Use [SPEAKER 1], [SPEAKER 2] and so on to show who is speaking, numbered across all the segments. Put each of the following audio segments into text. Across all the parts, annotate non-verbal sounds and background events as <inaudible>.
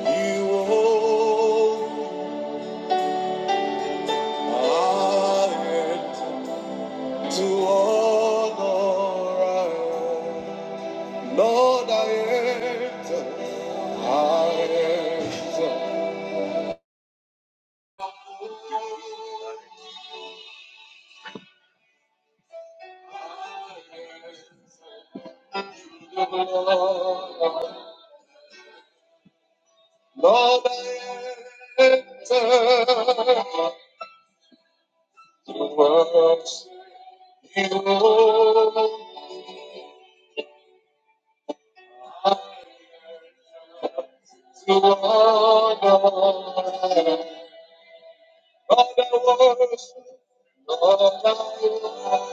[SPEAKER 1] You hold my head to honor. Lord, I enter. I enter. Lord, I enter to worship you. and To honor. Lord, I worship. Lord, I worship.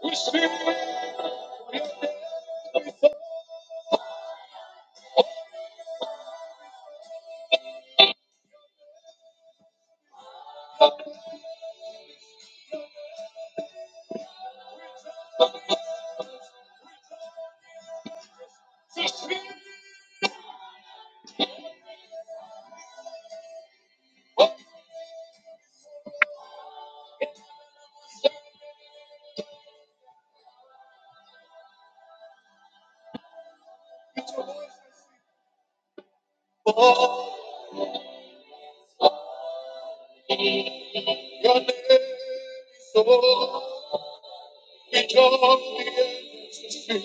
[SPEAKER 1] We speak, we speak for your name is so. We join the angels to sing.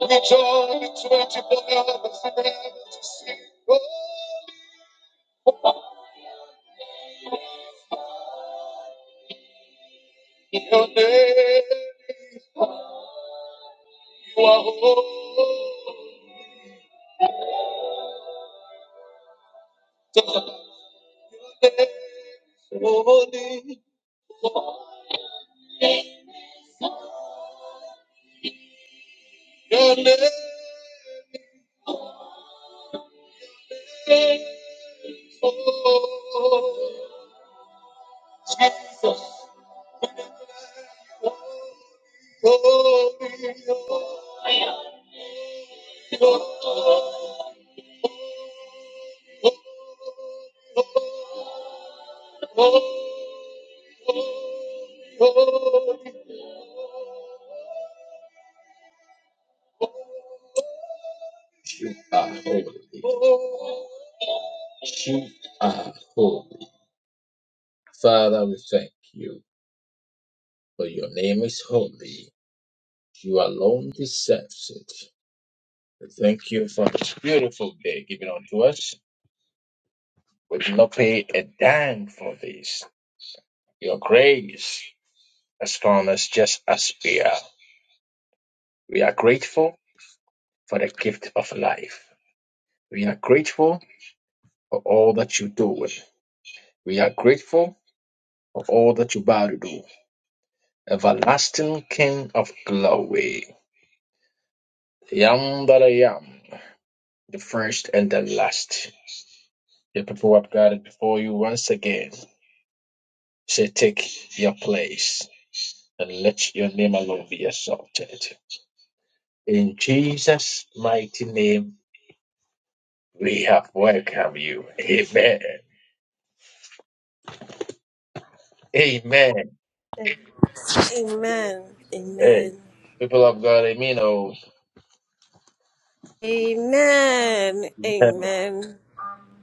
[SPEAKER 1] We join the 24 elders in heaven to sing. Holy, your name, you are holy. Your name is holy. Your name is holy. Jesus. You are holy. you are holy. Father, we thank you, for your name is holy. You alone deserves it. We thank you for this beautiful day given unto us. We do not pay a dime for this. Your grace has found us just as we are. We are grateful for the gift of life. We are grateful for all that you do. We are grateful for all that you're about to do. Everlasting King of glory, the Yam that I am, the first and the last. The people have gathered before you once again. Say, take your place and let your name alone be exalted. In Jesus' mighty name, we have welcomed you. Amen. Amen.
[SPEAKER 2] Amen.
[SPEAKER 1] Hey,
[SPEAKER 2] Amen.
[SPEAKER 1] people of God, amen. Oh.
[SPEAKER 2] Amen. Amen.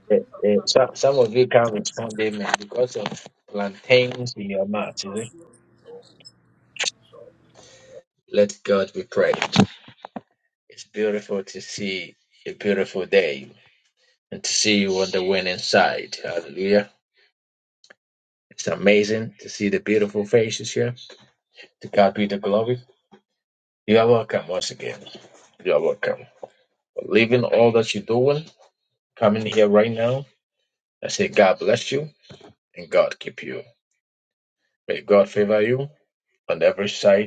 [SPEAKER 1] Eh, eh, so, some of you can't respond, amen, because of plantains in your mouth. Is it? Let God be praised. It's beautiful to see a beautiful day and to see you on the winning side. Hallelujah. It's amazing to see the beautiful faces here. To God be the glory. You are welcome once again. You are welcome. For leaving all that you're doing, coming here right now, I say God bless you and God keep you. May God favor you on every side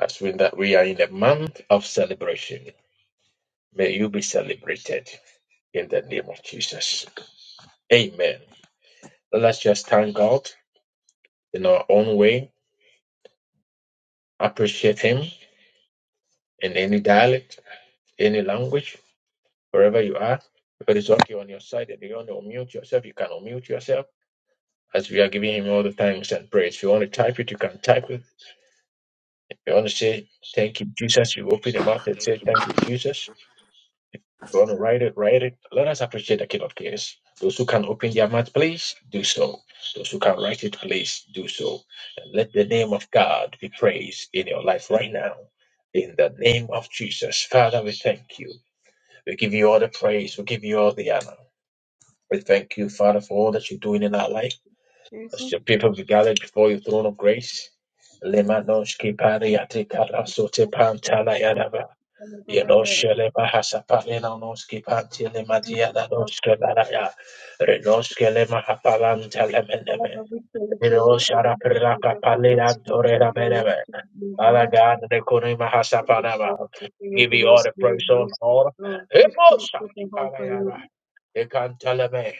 [SPEAKER 1] As we that we are in the month of celebration, may you be celebrated in the name of Jesus. Amen. Let's just thank God in our own way, appreciate Him in any dialect, any language, wherever you are. If it is okay on your side and you want to unmute yourself, you can unmute yourself. As we are giving him all the thanks and praise. If you want to type it, you can type it. If you want to say thank you, Jesus, you open your mouth and say thank you, Jesus. If you want to write it, write it. Let us appreciate the King of Kings. Those who can open their mouth, please do so. Those who can write it, please do so. And let the name of God be praised in your life right now. In the name of Jesus, Father, we thank you. We give you all the praise. We give you all the honor. We thank you, Father, for all that you're doing in our life. As
[SPEAKER 3] Jesus,
[SPEAKER 1] your people be gathered before your throne of grace. Lemanoshki pariati karasote
[SPEAKER 3] Father,
[SPEAKER 1] pantala Yedoshele Mahasapale Noski Pantile Matia Dadoske Baraya Renoskele Mahapalan Telemeneme
[SPEAKER 3] thank you. We are
[SPEAKER 1] Roshara
[SPEAKER 3] going to give
[SPEAKER 1] Piraka
[SPEAKER 3] you
[SPEAKER 1] Palea
[SPEAKER 3] praise. We give you
[SPEAKER 1] Dorera Meneme
[SPEAKER 3] glory to you,
[SPEAKER 1] Father
[SPEAKER 3] God.
[SPEAKER 1] God, the Kuni
[SPEAKER 3] We
[SPEAKER 1] Mahasapanama,
[SPEAKER 3] thank you for your
[SPEAKER 1] give you all
[SPEAKER 3] goodness
[SPEAKER 1] the
[SPEAKER 3] and your
[SPEAKER 1] praise on
[SPEAKER 3] mercy,
[SPEAKER 1] all.
[SPEAKER 3] Lord. We thank you for
[SPEAKER 1] Himosaki
[SPEAKER 3] how far
[SPEAKER 1] Parayara,
[SPEAKER 3] you
[SPEAKER 1] Ekantaleme,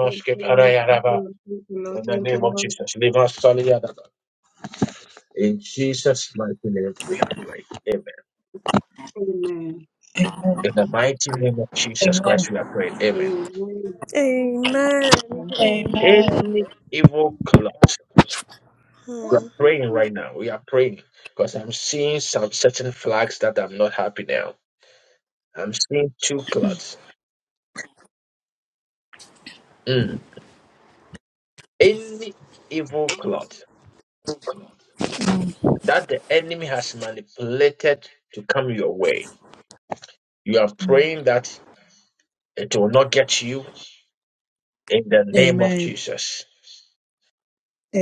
[SPEAKER 3] went. Thank you, Lord. Thank you,
[SPEAKER 1] Parayaraba,
[SPEAKER 3] Lord. Thank you, Lord.
[SPEAKER 1] in the
[SPEAKER 3] Thank you,
[SPEAKER 1] name of
[SPEAKER 3] Lord.
[SPEAKER 1] Jesus, leave us Soliadaba. In Jesus' mighty name we have prayed.
[SPEAKER 3] Amen.
[SPEAKER 4] Amen.
[SPEAKER 1] In the mighty name of Jesus Christ, we are praying. Amen.
[SPEAKER 3] Amen.
[SPEAKER 2] Amen.
[SPEAKER 5] I never
[SPEAKER 2] Amen.
[SPEAKER 4] Amen.
[SPEAKER 1] Any evil clock, we are
[SPEAKER 2] Hmm.
[SPEAKER 1] praying right now. We are praying because I'm seeing some certain flags that I'm not happy now. I'm seeing two clots. Mm. Any evil clot that the enemy has manipulated to come your way, you are
[SPEAKER 4] Mm.
[SPEAKER 1] praying that it will not get you in the name of
[SPEAKER 4] Amen.
[SPEAKER 1] Jesus.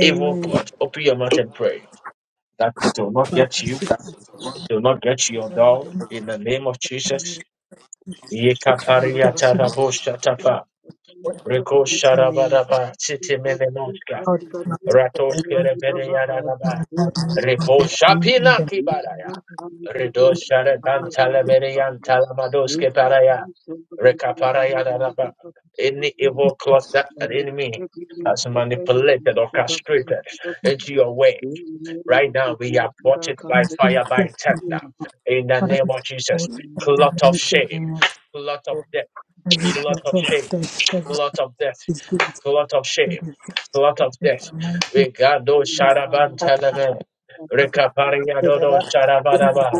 [SPEAKER 1] Evil clot, open your mouth and pray that it will not
[SPEAKER 4] Baba,
[SPEAKER 1] get you
[SPEAKER 4] sit down,
[SPEAKER 1] Do not get your
[SPEAKER 4] Father, Lord,
[SPEAKER 1] dog
[SPEAKER 4] and
[SPEAKER 1] in the name of
[SPEAKER 4] thank
[SPEAKER 1] Jesus.
[SPEAKER 4] me. People look
[SPEAKER 3] Right,
[SPEAKER 1] Yekaparia
[SPEAKER 4] at to
[SPEAKER 3] right,
[SPEAKER 4] me.
[SPEAKER 3] right.
[SPEAKER 1] tarabosha
[SPEAKER 3] Thank you for the
[SPEAKER 1] tapa.
[SPEAKER 3] message.
[SPEAKER 4] What in the
[SPEAKER 1] Reko
[SPEAKER 4] mighty name of
[SPEAKER 1] sharabadaba. Siti
[SPEAKER 3] I thank
[SPEAKER 1] menenoska.
[SPEAKER 3] you,
[SPEAKER 4] God, is
[SPEAKER 3] God.
[SPEAKER 4] not
[SPEAKER 3] We
[SPEAKER 4] the
[SPEAKER 1] Ratoske
[SPEAKER 3] love
[SPEAKER 4] enemy,
[SPEAKER 3] you,
[SPEAKER 1] rebede
[SPEAKER 3] Baba. We
[SPEAKER 1] yaranaba.
[SPEAKER 4] my
[SPEAKER 3] thank
[SPEAKER 4] God,
[SPEAKER 3] you,
[SPEAKER 4] not
[SPEAKER 1] Repo
[SPEAKER 3] Lord.
[SPEAKER 4] the me in
[SPEAKER 1] shapina
[SPEAKER 4] the
[SPEAKER 3] Thank you.
[SPEAKER 5] saw a
[SPEAKER 1] kibaraya.
[SPEAKER 5] couple of people in
[SPEAKER 1] Redo
[SPEAKER 5] the
[SPEAKER 1] shareban
[SPEAKER 4] Baba.
[SPEAKER 5] boat as you and
[SPEAKER 1] talamerian
[SPEAKER 5] this
[SPEAKER 1] talamadoske
[SPEAKER 5] useless
[SPEAKER 1] paraya.
[SPEAKER 5] in the street. I
[SPEAKER 1] Rekaparaya daraba. Any
[SPEAKER 5] know
[SPEAKER 1] evil cloth that an
[SPEAKER 5] it
[SPEAKER 1] enemy
[SPEAKER 5] looks
[SPEAKER 1] has
[SPEAKER 5] completely like a very
[SPEAKER 1] manipulated
[SPEAKER 5] easy
[SPEAKER 1] or
[SPEAKER 5] process,
[SPEAKER 1] castrated into your way.
[SPEAKER 5] but it's a lot of
[SPEAKER 1] Right
[SPEAKER 5] people
[SPEAKER 1] now, we are
[SPEAKER 5] who are
[SPEAKER 1] it by
[SPEAKER 4] Jesus,
[SPEAKER 1] fire,
[SPEAKER 4] in
[SPEAKER 1] by
[SPEAKER 4] the name
[SPEAKER 1] tender. In the
[SPEAKER 4] Father,
[SPEAKER 1] name
[SPEAKER 4] we
[SPEAKER 1] of Jesus,
[SPEAKER 4] support in
[SPEAKER 5] in
[SPEAKER 4] the
[SPEAKER 1] clot of
[SPEAKER 4] mighty
[SPEAKER 1] shame,
[SPEAKER 4] name of
[SPEAKER 1] clot of
[SPEAKER 4] God.
[SPEAKER 1] death,
[SPEAKER 4] Every
[SPEAKER 1] clot
[SPEAKER 4] plot
[SPEAKER 1] of
[SPEAKER 4] of
[SPEAKER 1] shame,
[SPEAKER 4] death, every
[SPEAKER 1] clot of death,
[SPEAKER 4] is good.
[SPEAKER 1] clot of
[SPEAKER 4] That
[SPEAKER 1] shame,
[SPEAKER 4] is
[SPEAKER 1] clot of
[SPEAKER 4] in
[SPEAKER 1] death.
[SPEAKER 4] the mighty
[SPEAKER 1] We got those
[SPEAKER 4] name. of
[SPEAKER 1] sharaban
[SPEAKER 4] God.
[SPEAKER 1] teleme,
[SPEAKER 4] so
[SPEAKER 1] rekaparia
[SPEAKER 4] that
[SPEAKER 1] dodo sharabadaba,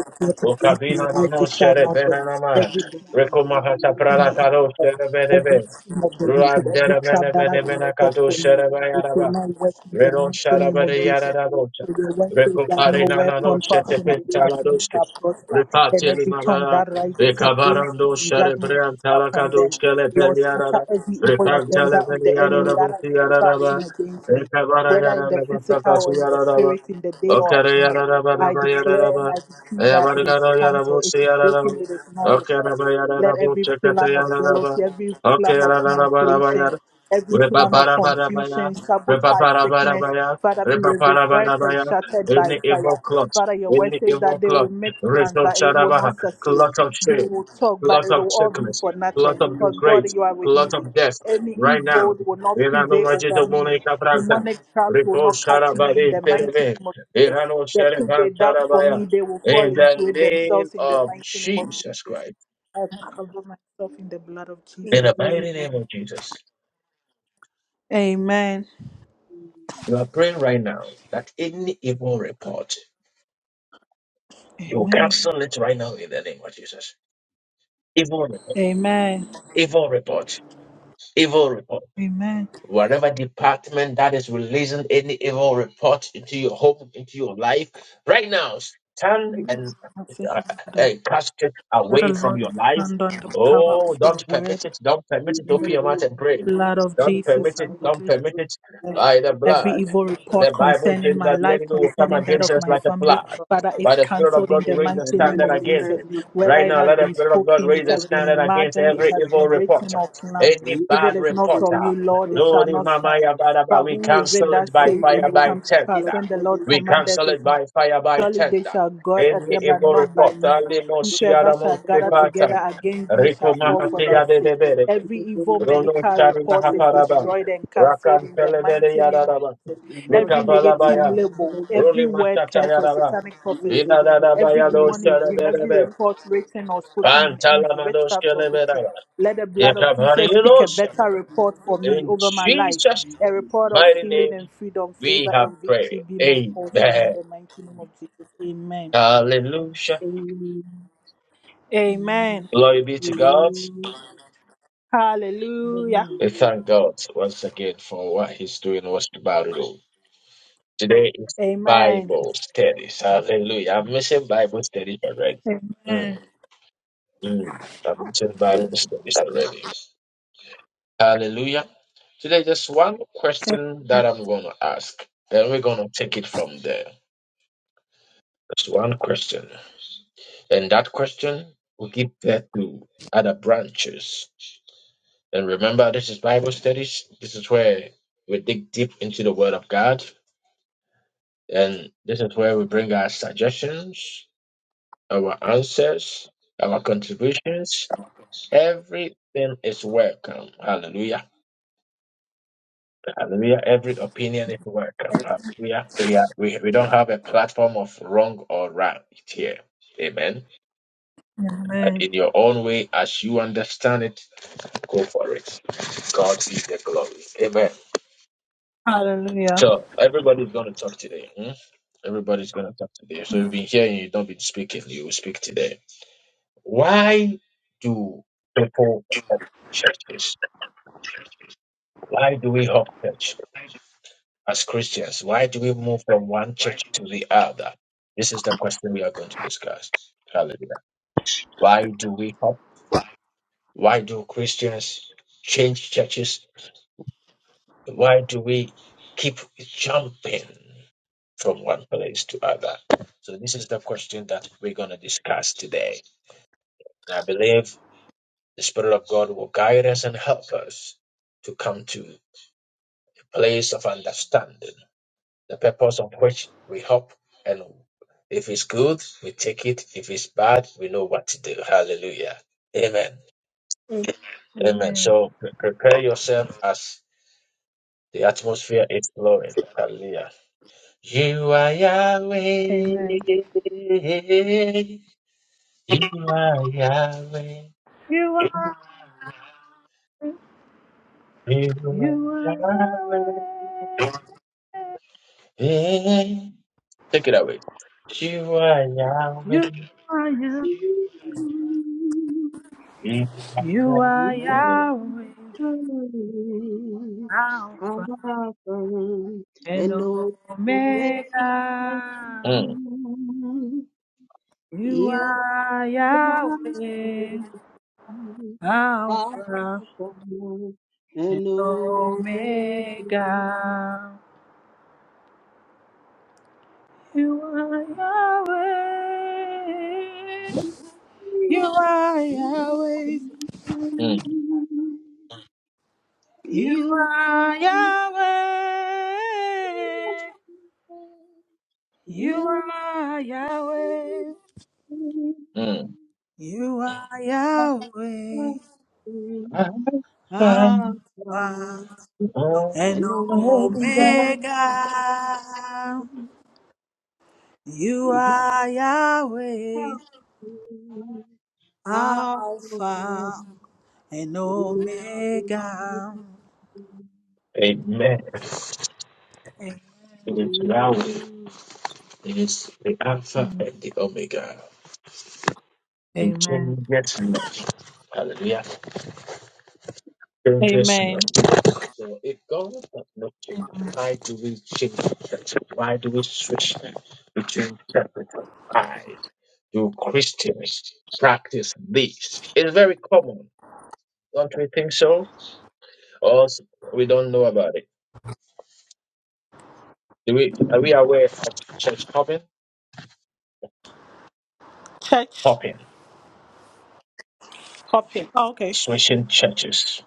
[SPEAKER 4] against my
[SPEAKER 1] ukabina no
[SPEAKER 4] life
[SPEAKER 1] no
[SPEAKER 4] it shall not
[SPEAKER 1] sherebena
[SPEAKER 4] work.
[SPEAKER 1] nama,
[SPEAKER 4] Every
[SPEAKER 5] the
[SPEAKER 4] plan
[SPEAKER 1] rekomahata
[SPEAKER 5] community
[SPEAKER 4] any
[SPEAKER 1] pralakado
[SPEAKER 5] and
[SPEAKER 4] evil,
[SPEAKER 5] the
[SPEAKER 4] every
[SPEAKER 5] society
[SPEAKER 1] sherebedebe,
[SPEAKER 4] scheme of the
[SPEAKER 5] and
[SPEAKER 4] wicked, every
[SPEAKER 1] ruandere
[SPEAKER 4] trap
[SPEAKER 1] mene
[SPEAKER 4] that has
[SPEAKER 1] mene
[SPEAKER 4] been
[SPEAKER 1] mene
[SPEAKER 4] set
[SPEAKER 1] kado
[SPEAKER 4] for me, it will
[SPEAKER 1] sherebayaraba.
[SPEAKER 4] not work in the
[SPEAKER 1] Reno
[SPEAKER 4] mighty name of
[SPEAKER 1] Sharabare
[SPEAKER 4] Jesus.
[SPEAKER 1] Yarabota,
[SPEAKER 4] For your word says that no
[SPEAKER 1] Recopare Nanano
[SPEAKER 4] weapon fashioned against me
[SPEAKER 1] Shetepentaladoske,
[SPEAKER 4] shall prosper, and
[SPEAKER 1] Repatili
[SPEAKER 4] every tongue
[SPEAKER 1] Mabara,
[SPEAKER 4] that rises against me
[SPEAKER 1] Recabarando
[SPEAKER 4] in judgment
[SPEAKER 1] Sharebrean
[SPEAKER 4] shall condemn.
[SPEAKER 1] Talacadoske
[SPEAKER 4] Lord, scatter
[SPEAKER 1] Lepeliarada,
[SPEAKER 4] every evil
[SPEAKER 3] Amen.
[SPEAKER 4] agenda
[SPEAKER 1] Repantale
[SPEAKER 4] of the enemy that
[SPEAKER 3] Praise
[SPEAKER 1] Veniaraboti
[SPEAKER 4] has been
[SPEAKER 1] Yaraba,
[SPEAKER 4] fashioned against me,
[SPEAKER 1] Recabara
[SPEAKER 4] whether in the physical or
[SPEAKER 1] Yarabotakasu
[SPEAKER 4] in the
[SPEAKER 1] Yaraba,
[SPEAKER 4] spirit, in the day or at
[SPEAKER 1] Okare
[SPEAKER 4] night.
[SPEAKER 1] Yaraba
[SPEAKER 4] I declare and
[SPEAKER 1] Yaraba,
[SPEAKER 4] I decree that it is
[SPEAKER 1] Ayabargano
[SPEAKER 4] cancelled, it
[SPEAKER 1] Yarabosi
[SPEAKER 4] is
[SPEAKER 1] Yaraba,
[SPEAKER 4] broken, it is nullified. Let
[SPEAKER 1] Okaraba
[SPEAKER 4] every plan of
[SPEAKER 1] Yarabota
[SPEAKER 4] jealousy, every plan of manipulation,
[SPEAKER 1] Yaraba,
[SPEAKER 4] every plan of
[SPEAKER 1] Repaparabaya,
[SPEAKER 4] confusion, sabotage, sickness,
[SPEAKER 1] repaparabaya,
[SPEAKER 4] Father, be reversed and
[SPEAKER 1] repaparabaya,
[SPEAKER 4] shattered by
[SPEAKER 1] any evil
[SPEAKER 4] fire.
[SPEAKER 1] clot,
[SPEAKER 4] Father, your word
[SPEAKER 1] any
[SPEAKER 4] says
[SPEAKER 1] evil
[SPEAKER 4] that they will
[SPEAKER 1] clot,
[SPEAKER 4] make plans,
[SPEAKER 1] result
[SPEAKER 4] but it will not
[SPEAKER 1] charabaha,
[SPEAKER 4] succeed.
[SPEAKER 1] clot of
[SPEAKER 4] They will
[SPEAKER 1] shame,
[SPEAKER 4] talk, but
[SPEAKER 1] clot
[SPEAKER 4] it
[SPEAKER 1] of
[SPEAKER 4] will all be
[SPEAKER 1] sickness,
[SPEAKER 4] for
[SPEAKER 1] clot
[SPEAKER 4] nothing
[SPEAKER 1] of
[SPEAKER 4] because God,
[SPEAKER 1] disgrace,
[SPEAKER 4] you are with
[SPEAKER 1] clot
[SPEAKER 4] me.
[SPEAKER 1] of death,
[SPEAKER 4] Any
[SPEAKER 1] right now.
[SPEAKER 4] evil will not
[SPEAKER 1] Irano
[SPEAKER 4] prevail over
[SPEAKER 1] Majito
[SPEAKER 4] me.
[SPEAKER 1] Monica Branta,
[SPEAKER 4] Demonic traps will
[SPEAKER 1] Repo
[SPEAKER 4] not catch me in
[SPEAKER 1] Sharabari
[SPEAKER 4] the mighty
[SPEAKER 1] Terebe,
[SPEAKER 4] name of Jesus.
[SPEAKER 1] Irano
[SPEAKER 4] The pit
[SPEAKER 1] Sherevan
[SPEAKER 4] they dug for
[SPEAKER 1] Tarabaya,
[SPEAKER 4] me, they will fall
[SPEAKER 1] in the
[SPEAKER 4] into it
[SPEAKER 1] name
[SPEAKER 4] themselves in the
[SPEAKER 1] of
[SPEAKER 4] mighty name of
[SPEAKER 1] Jesus
[SPEAKER 4] Jesus.
[SPEAKER 1] Christ,
[SPEAKER 4] I cover myself in the blood of
[SPEAKER 1] in
[SPEAKER 4] Jesus.
[SPEAKER 1] the mighty name
[SPEAKER 4] Amen.
[SPEAKER 1] of Jesus.
[SPEAKER 4] Amen.
[SPEAKER 1] You are praying right now that any evil report, you
[SPEAKER 4] Amen.
[SPEAKER 1] cancel it right now in the name of Jesus. Evil report,
[SPEAKER 4] Amen.
[SPEAKER 1] evil report, evil report.
[SPEAKER 4] Amen.
[SPEAKER 1] whatever department that is releasing any evil report into your home, into your life, right now, stand and
[SPEAKER 4] I say,
[SPEAKER 1] uh,
[SPEAKER 4] Lord,
[SPEAKER 1] uh, cast it
[SPEAKER 4] Father,
[SPEAKER 1] away from
[SPEAKER 4] Lord,
[SPEAKER 1] your life.
[SPEAKER 4] stand on the power
[SPEAKER 1] Oh,
[SPEAKER 4] of your
[SPEAKER 1] don't
[SPEAKER 4] word
[SPEAKER 1] permit it. Don't permit
[SPEAKER 3] in
[SPEAKER 1] it.
[SPEAKER 4] and the
[SPEAKER 1] Open
[SPEAKER 3] the
[SPEAKER 1] your
[SPEAKER 3] name
[SPEAKER 1] mouth
[SPEAKER 3] of
[SPEAKER 1] and pray.
[SPEAKER 4] blood
[SPEAKER 3] Jesus.
[SPEAKER 4] of
[SPEAKER 1] Don't
[SPEAKER 3] Lord, God,
[SPEAKER 4] Jesus.
[SPEAKER 1] permit it.
[SPEAKER 5] the
[SPEAKER 3] Father,
[SPEAKER 5] very
[SPEAKER 1] Don't permit
[SPEAKER 3] Lord,
[SPEAKER 1] it
[SPEAKER 3] Lord,
[SPEAKER 1] by the
[SPEAKER 3] Father,
[SPEAKER 4] Every
[SPEAKER 1] blood.
[SPEAKER 4] evil
[SPEAKER 5] individual
[SPEAKER 4] report
[SPEAKER 1] The
[SPEAKER 5] children
[SPEAKER 1] Bible
[SPEAKER 4] concerning
[SPEAKER 1] says
[SPEAKER 3] we
[SPEAKER 4] my
[SPEAKER 1] that the
[SPEAKER 3] thank
[SPEAKER 4] life,
[SPEAKER 1] enemy
[SPEAKER 3] you,
[SPEAKER 1] will come
[SPEAKER 3] Jesus,
[SPEAKER 4] concerning that
[SPEAKER 1] against
[SPEAKER 4] of
[SPEAKER 1] us
[SPEAKER 4] my
[SPEAKER 3] Father,
[SPEAKER 1] like a
[SPEAKER 4] family,
[SPEAKER 1] flood.
[SPEAKER 3] Father,
[SPEAKER 4] Father, is
[SPEAKER 1] By the Spirit of
[SPEAKER 4] cancelled in
[SPEAKER 1] God, we
[SPEAKER 4] the
[SPEAKER 1] raise a
[SPEAKER 4] mighty name
[SPEAKER 1] standard
[SPEAKER 3] render
[SPEAKER 4] of
[SPEAKER 1] against
[SPEAKER 4] Jesus.
[SPEAKER 3] them
[SPEAKER 1] it.
[SPEAKER 3] not
[SPEAKER 4] Whether
[SPEAKER 1] Right
[SPEAKER 3] by
[SPEAKER 4] it
[SPEAKER 1] now,
[SPEAKER 3] the
[SPEAKER 4] has
[SPEAKER 1] let the
[SPEAKER 4] been
[SPEAKER 1] Spirit of God
[SPEAKER 3] Father,
[SPEAKER 4] spoken,
[SPEAKER 1] raise
[SPEAKER 4] it
[SPEAKER 1] a
[SPEAKER 4] has
[SPEAKER 3] Father,
[SPEAKER 4] been
[SPEAKER 3] the
[SPEAKER 1] standard against
[SPEAKER 4] imagined, it
[SPEAKER 3] Son,
[SPEAKER 1] every
[SPEAKER 4] has
[SPEAKER 1] evil
[SPEAKER 4] been
[SPEAKER 3] the Holy Spirit.
[SPEAKER 4] written
[SPEAKER 1] reporter,
[SPEAKER 4] or planned.
[SPEAKER 1] any
[SPEAKER 3] We
[SPEAKER 4] If it
[SPEAKER 1] bad
[SPEAKER 4] is
[SPEAKER 3] thank
[SPEAKER 4] not
[SPEAKER 3] you,
[SPEAKER 1] reporter.
[SPEAKER 4] from you,
[SPEAKER 3] Jesus,
[SPEAKER 4] Lord,
[SPEAKER 3] Father,
[SPEAKER 4] it shall
[SPEAKER 1] Lord,
[SPEAKER 3] Father,
[SPEAKER 1] in
[SPEAKER 4] not
[SPEAKER 3] Lord,
[SPEAKER 1] my mind,
[SPEAKER 4] stand. But
[SPEAKER 1] we
[SPEAKER 3] we
[SPEAKER 4] who
[SPEAKER 3] thank
[SPEAKER 4] is it
[SPEAKER 3] you,
[SPEAKER 1] cancel
[SPEAKER 4] that
[SPEAKER 1] it
[SPEAKER 3] for
[SPEAKER 1] by
[SPEAKER 4] says and
[SPEAKER 3] the
[SPEAKER 1] fire
[SPEAKER 4] it
[SPEAKER 3] Lord,
[SPEAKER 1] by
[SPEAKER 3] we
[SPEAKER 4] comes to
[SPEAKER 3] thank you,
[SPEAKER 4] pass
[SPEAKER 3] Lord,
[SPEAKER 1] tender.
[SPEAKER 4] when the
[SPEAKER 3] we
[SPEAKER 4] Lord
[SPEAKER 3] thank you, Lord, we thank you, Lord, we thank
[SPEAKER 1] We
[SPEAKER 4] commandeth
[SPEAKER 1] cancel
[SPEAKER 4] it?
[SPEAKER 1] it by fire by
[SPEAKER 4] Surely they
[SPEAKER 1] tender.
[SPEAKER 4] shall guard at
[SPEAKER 1] Any
[SPEAKER 4] them, but
[SPEAKER 1] evil
[SPEAKER 4] not
[SPEAKER 3] you,
[SPEAKER 4] by
[SPEAKER 1] report,
[SPEAKER 4] me.
[SPEAKER 1] Ali
[SPEAKER 3] Lord,
[SPEAKER 4] Whosoever
[SPEAKER 1] Moshiara
[SPEAKER 3] we thank you,
[SPEAKER 4] shall gather
[SPEAKER 3] for the call,
[SPEAKER 1] Moskepata,
[SPEAKER 3] Lord,
[SPEAKER 4] together against thee shall
[SPEAKER 1] Rico
[SPEAKER 3] And no
[SPEAKER 4] fall for thy
[SPEAKER 1] Mahatia de
[SPEAKER 4] sake.
[SPEAKER 1] de Bere,
[SPEAKER 4] Every evil
[SPEAKER 1] Rono
[SPEAKER 4] medical
[SPEAKER 1] Chari
[SPEAKER 4] report is
[SPEAKER 1] Mahaparaba,
[SPEAKER 4] destroyed and cancelled
[SPEAKER 1] Rakan
[SPEAKER 4] in the
[SPEAKER 1] Telebere
[SPEAKER 4] mighty name of
[SPEAKER 1] Yadaraba,
[SPEAKER 4] Jesus. Every negative
[SPEAKER 1] Mikabalabaya,
[SPEAKER 4] label, every
[SPEAKER 1] Ruli
[SPEAKER 4] word
[SPEAKER 1] Mashata
[SPEAKER 4] curse or
[SPEAKER 1] Yaraba,
[SPEAKER 4] satanic prophecy, every
[SPEAKER 1] Idadabaya dos
[SPEAKER 4] demonic dream, every
[SPEAKER 1] Terebere,
[SPEAKER 4] report written or spoken in envy,
[SPEAKER 1] Pantalamados
[SPEAKER 4] witchcraft or
[SPEAKER 1] Kelebera,
[SPEAKER 4] hatred. Let the blood of Jesus
[SPEAKER 5] and the
[SPEAKER 4] speak a
[SPEAKER 1] Yakabariolos,
[SPEAKER 5] people who are in
[SPEAKER 4] better report
[SPEAKER 5] the
[SPEAKER 4] for me
[SPEAKER 1] in
[SPEAKER 4] over my life.
[SPEAKER 5] community.
[SPEAKER 1] Jesus'
[SPEAKER 4] A report of
[SPEAKER 1] mighty
[SPEAKER 4] healing
[SPEAKER 1] name.
[SPEAKER 4] and freedom,
[SPEAKER 1] We
[SPEAKER 4] favor
[SPEAKER 1] have
[SPEAKER 4] and victory
[SPEAKER 1] prayed.
[SPEAKER 4] be my portion in
[SPEAKER 1] Amen.
[SPEAKER 4] the mighty name of Jesus. Amen.
[SPEAKER 1] Hallelujah.
[SPEAKER 4] Amen.
[SPEAKER 5] Amen.
[SPEAKER 1] Glory be to God.
[SPEAKER 4] Hallelujah.
[SPEAKER 5] Hallelujah.
[SPEAKER 1] We thank God once again for what He's doing. What's about it Today is
[SPEAKER 4] Amen.
[SPEAKER 1] Bible studies. Hallelujah. I'm missing Bible studies already. Mm,
[SPEAKER 4] Amen.
[SPEAKER 1] mm. I'm missing Bible studies already. Hallelujah. Today, just one question that I'm going to ask. Then we're going to take it from there. Just one question. And that question will give birth to other branches. And remember, this is Bible studies. This is where we dig deep into the Word of God. And this is where we bring our suggestions, our answers, our contributions. Everything is welcome. Hallelujah. Hallelujah. Every opinion is welcome. Hallelujah. We, are, we, we don't have a platform of wrong or right here. Amen. And
[SPEAKER 4] Amen.
[SPEAKER 1] in your own way, as you understand it, go for it. God be the glory. Amen.
[SPEAKER 4] Hallelujah.
[SPEAKER 1] So everybody's going to talk today. hmm? Everybody's going to talk today. So you've been hearing, you don't been speaking, you will speak today. Why do people hop churches? Why do we hop church as Christians? Why do we move from one church to the other? This is the question we are going to discuss. Hallelujah. Why do we hop? Why do Christians change churches? Why do we keep jumping? from one place to other. So this is the question that we're going to discuss today. And I believe the Spirit of God will guide us and help us to come to a place of understanding, the purpose of which we hope and if it's good, we take it. If it's bad, we know what to do. Hallelujah. Amen. Amen.
[SPEAKER 4] Amen.
[SPEAKER 1] So pre- prepare yourself as the atmosphere is flowing. Hallelujah. You are Yahweh.
[SPEAKER 4] Amen.
[SPEAKER 1] Eli, Yahweh,
[SPEAKER 4] You are,
[SPEAKER 1] Eli,
[SPEAKER 4] you are
[SPEAKER 1] Yahweh.
[SPEAKER 4] Yahweh.
[SPEAKER 1] Take it away. Shiva, Yahweh,
[SPEAKER 4] You are, you,
[SPEAKER 1] Eli,
[SPEAKER 4] you are
[SPEAKER 1] Yahweh.
[SPEAKER 4] Yahweh. Alpha and Omega.
[SPEAKER 3] man,
[SPEAKER 1] Mm,
[SPEAKER 4] You
[SPEAKER 3] you
[SPEAKER 4] are Yahweh,
[SPEAKER 3] are And
[SPEAKER 4] Alpha
[SPEAKER 3] over you,
[SPEAKER 4] Omega. You are Yahweh. You are
[SPEAKER 3] you
[SPEAKER 4] Yahweh.
[SPEAKER 1] mm,
[SPEAKER 4] You are Yahweh. You are Yahweh.
[SPEAKER 1] mm.
[SPEAKER 4] You are Yahweh.
[SPEAKER 1] I find
[SPEAKER 3] Ah,
[SPEAKER 4] Alpha
[SPEAKER 1] the
[SPEAKER 4] and
[SPEAKER 3] and over
[SPEAKER 1] Almighty
[SPEAKER 3] you,
[SPEAKER 1] God.
[SPEAKER 4] Omega. You are Yahweh,
[SPEAKER 3] help me. Ah,
[SPEAKER 4] Alpha and Omega.
[SPEAKER 1] Amen. It is Yahweh. It is the Alpha and the Omega. It
[SPEAKER 4] Amen.
[SPEAKER 1] changes not. Hallelujah. dangerous enough.
[SPEAKER 4] Amen.
[SPEAKER 1] So if God does not change, why do we change church? Why do we switch between churches? Why do Christians practice this? It's very common. Don't we think so? Or s- we don't know about it? Do we are we aware of church hopping?
[SPEAKER 4] Church
[SPEAKER 1] Hopping.
[SPEAKER 4] hopping. Oh, okay.
[SPEAKER 1] Switching churches.